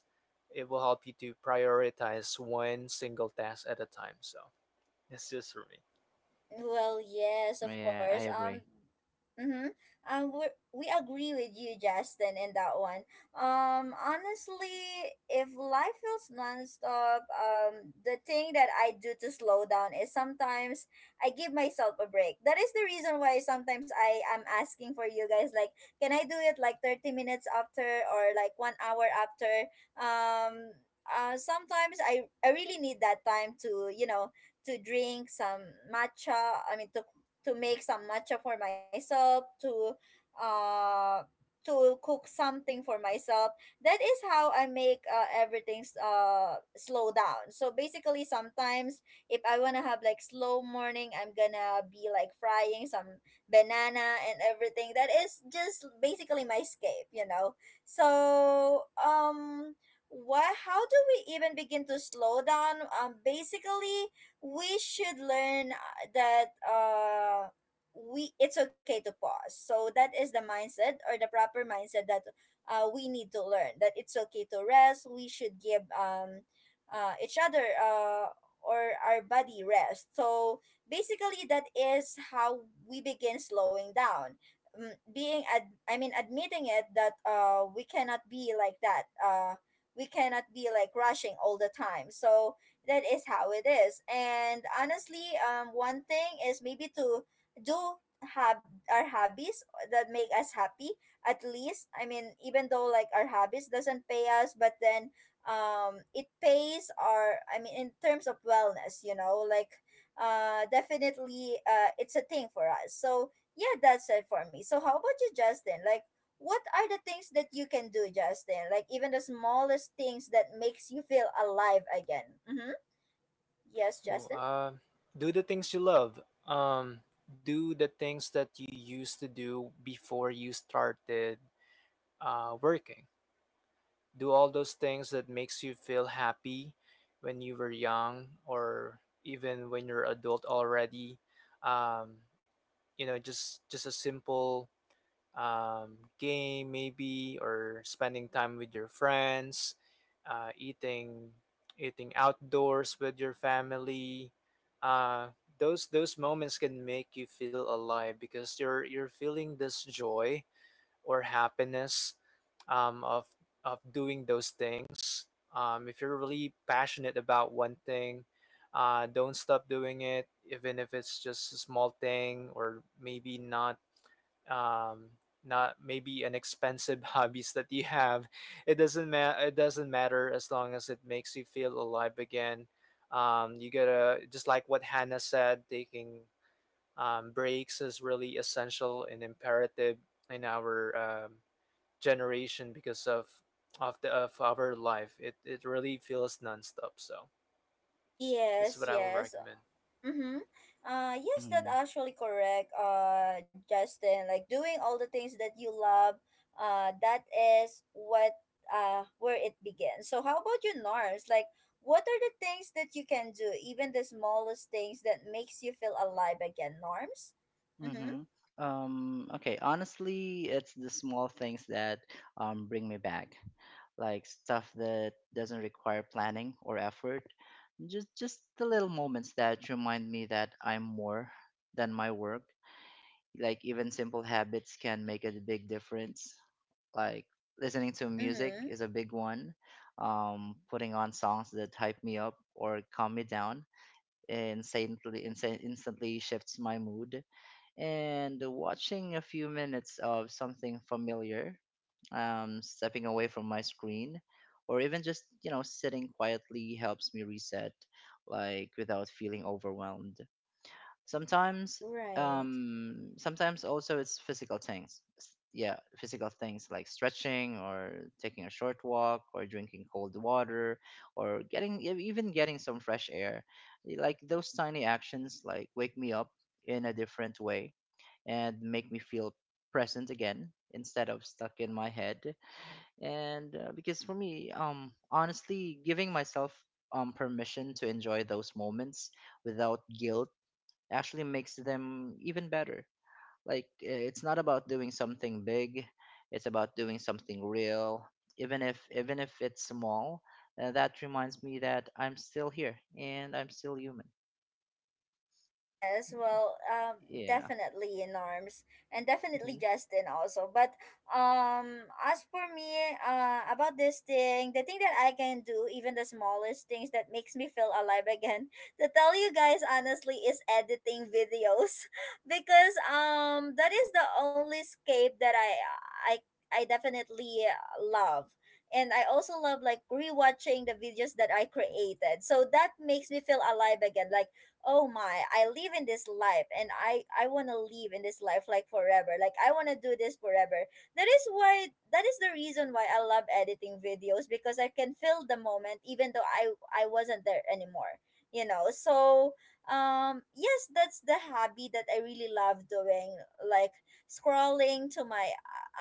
Speaker 2: It will help you to prioritize one single task at a time. So that's just for me.
Speaker 1: Well, yes, of
Speaker 3: Yeah,
Speaker 1: course.
Speaker 3: I agree.
Speaker 1: Mm-hmm. We agree with you, Justin, in that one. Honestly, if life feels nonstop, the thing that I do to slow down is sometimes I give myself a break. That is the reason why sometimes I am asking for you guys, like, can I do it like 30 minutes after or like 1 hour after? Um, sometimes I really need that time to, you know, to drink some matcha. I mean, to make some matcha for myself, uh, to cook something for myself. That is how I make everything slow down. So basically, sometimes if I wanna have like slow morning, I'm gonna be like frying some banana and everything. That is just basically my escape, you know. So what, how do we even begin to slow down? Basically we should learn that we, it's okay to pause. So that is the mindset, or the proper mindset that we need to learn, that it's okay to rest. We should give each other or our body rest. So basically that is how we begin slowing down. Mm, I mean admitting it that we cannot be like that, we cannot be like rushing all the time. So that is how it is. And honestly, one thing is maybe to do have our hobbies that make us happy, at least. I mean, even though, like, our hobbies doesn't pay us, but then it pays our, I mean, in terms of wellness, you know. Like, definitely it's a thing for us. So yeah, that's it for me. So how about you, Justin? Like, what are the things that you can do, Justin, like even the smallest things that makes you feel alive again? Mm-hmm. Yes,
Speaker 2: Ooh,
Speaker 1: Justin.
Speaker 2: do the things you love, um, do the things that you used to do before you started working. Do all those things that makes you feel happy when you were young or even when you're adult already. Um, you know, just a simple game maybe, or spending time with your friends, uh, eating eating outdoors with your family. uh, those moments can make you feel alive because you're feeling this joy or happiness um, of of doing those things. If you're really passionate about one thing, don't stop doing it, even if it's just a small thing or maybe not um, not maybe an expensive hobbies that you have. It doesn't matter. It doesn't matter as long as it makes you feel alive again. You gotta just like what Hannah said, taking breaks is really essential and imperative in our um, generation because of the of our life. It really feels nonstop. So this is
Speaker 1: Yes,
Speaker 2: what I will
Speaker 1: yes.
Speaker 2: recommend.
Speaker 1: Mm-hmm. Yes, that
Speaker 3: Mm-hmm.
Speaker 1: actually correct. Justin, like doing all the things that you love. That is what where it begins. So how about you, Norms? Like, what are the things that you can do, even the smallest things that makes you feel alive again, Norms? Mm-hmm.
Speaker 3: Mm-hmm. Okay, honestly, it's the small things that bring me back, like stuff that doesn't require planning or effort. Just the little moments that remind me that I'm more than my work. Like even simple habits can make a big difference. Like listening to music
Speaker 1: Mm-hmm.
Speaker 3: is a big one. Putting on songs that hype me up or calm me down instantly shifts my mood. And watching a few minutes of something familiar, stepping away from my screen, or even just, you know, sitting quietly helps me reset, like without feeling overwhelmed. Sometimes,
Speaker 1: Right.
Speaker 3: sometimes also it's physical things. Yeah, physical things like stretching or taking a short walk, or drinking cold water, or getting even getting some fresh air. Like those tiny actions like wake me up in a different way and make me feel present again instead of stuck in my head. And because for me, honestly, giving myself permission to enjoy those moments without guilt actually makes them even better. Like it's not about doing something big, it's about doing something real, even if it's small, that reminds me that I'm still here and I'm still human.
Speaker 1: Yes, well,
Speaker 3: Yeah.
Speaker 1: definitely in arms, and definitely
Speaker 3: Hmm.
Speaker 1: Justin also. But as for me, about this thing, the thing that I can do, even the smallest things that makes me feel alive again, to tell you guys honestly, is editing videos because that is the only escape that I I definitely love. And I also love like rewatching the videos that I created. So that makes me feel alive again. Like, oh my, I live in this life, and I want to live in this life like forever. Like I want to do this forever. That is why, that is the reason why I love editing videos, because I can feel the moment even though I wasn't there anymore, you know. So yes, that's the hobby that I really love doing. Like scrolling to my,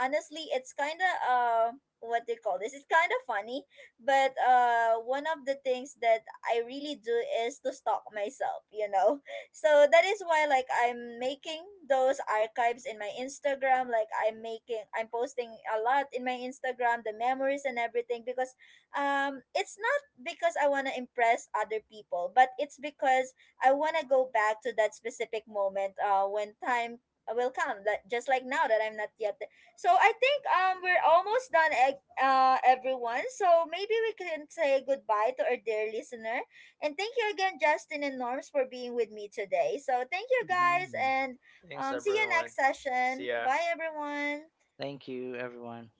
Speaker 1: honestly, it's kind of what do you call this, it's kind of funny. But one of the things that I really do is to stalk myself, you know. So that is why, like, I'm making those archives in my Instagram. Like I'm posting a lot in my Instagram, the memories and everything, because it's not because I want to impress other people, but it's because I want to go back to that specific moment when time will come, that just like now that I'm not yet there. So I think we're almost done, eh, everyone. So maybe we can say goodbye to our dear listener. And thank you again, Justin and Norms, for being with me today. So thank you guys,
Speaker 3: Hmm.
Speaker 1: and
Speaker 2: Thanks
Speaker 1: see you
Speaker 2: everyone.
Speaker 1: next
Speaker 2: See
Speaker 1: session.
Speaker 2: ya.
Speaker 1: Bye, everyone.
Speaker 3: Thank you, everyone.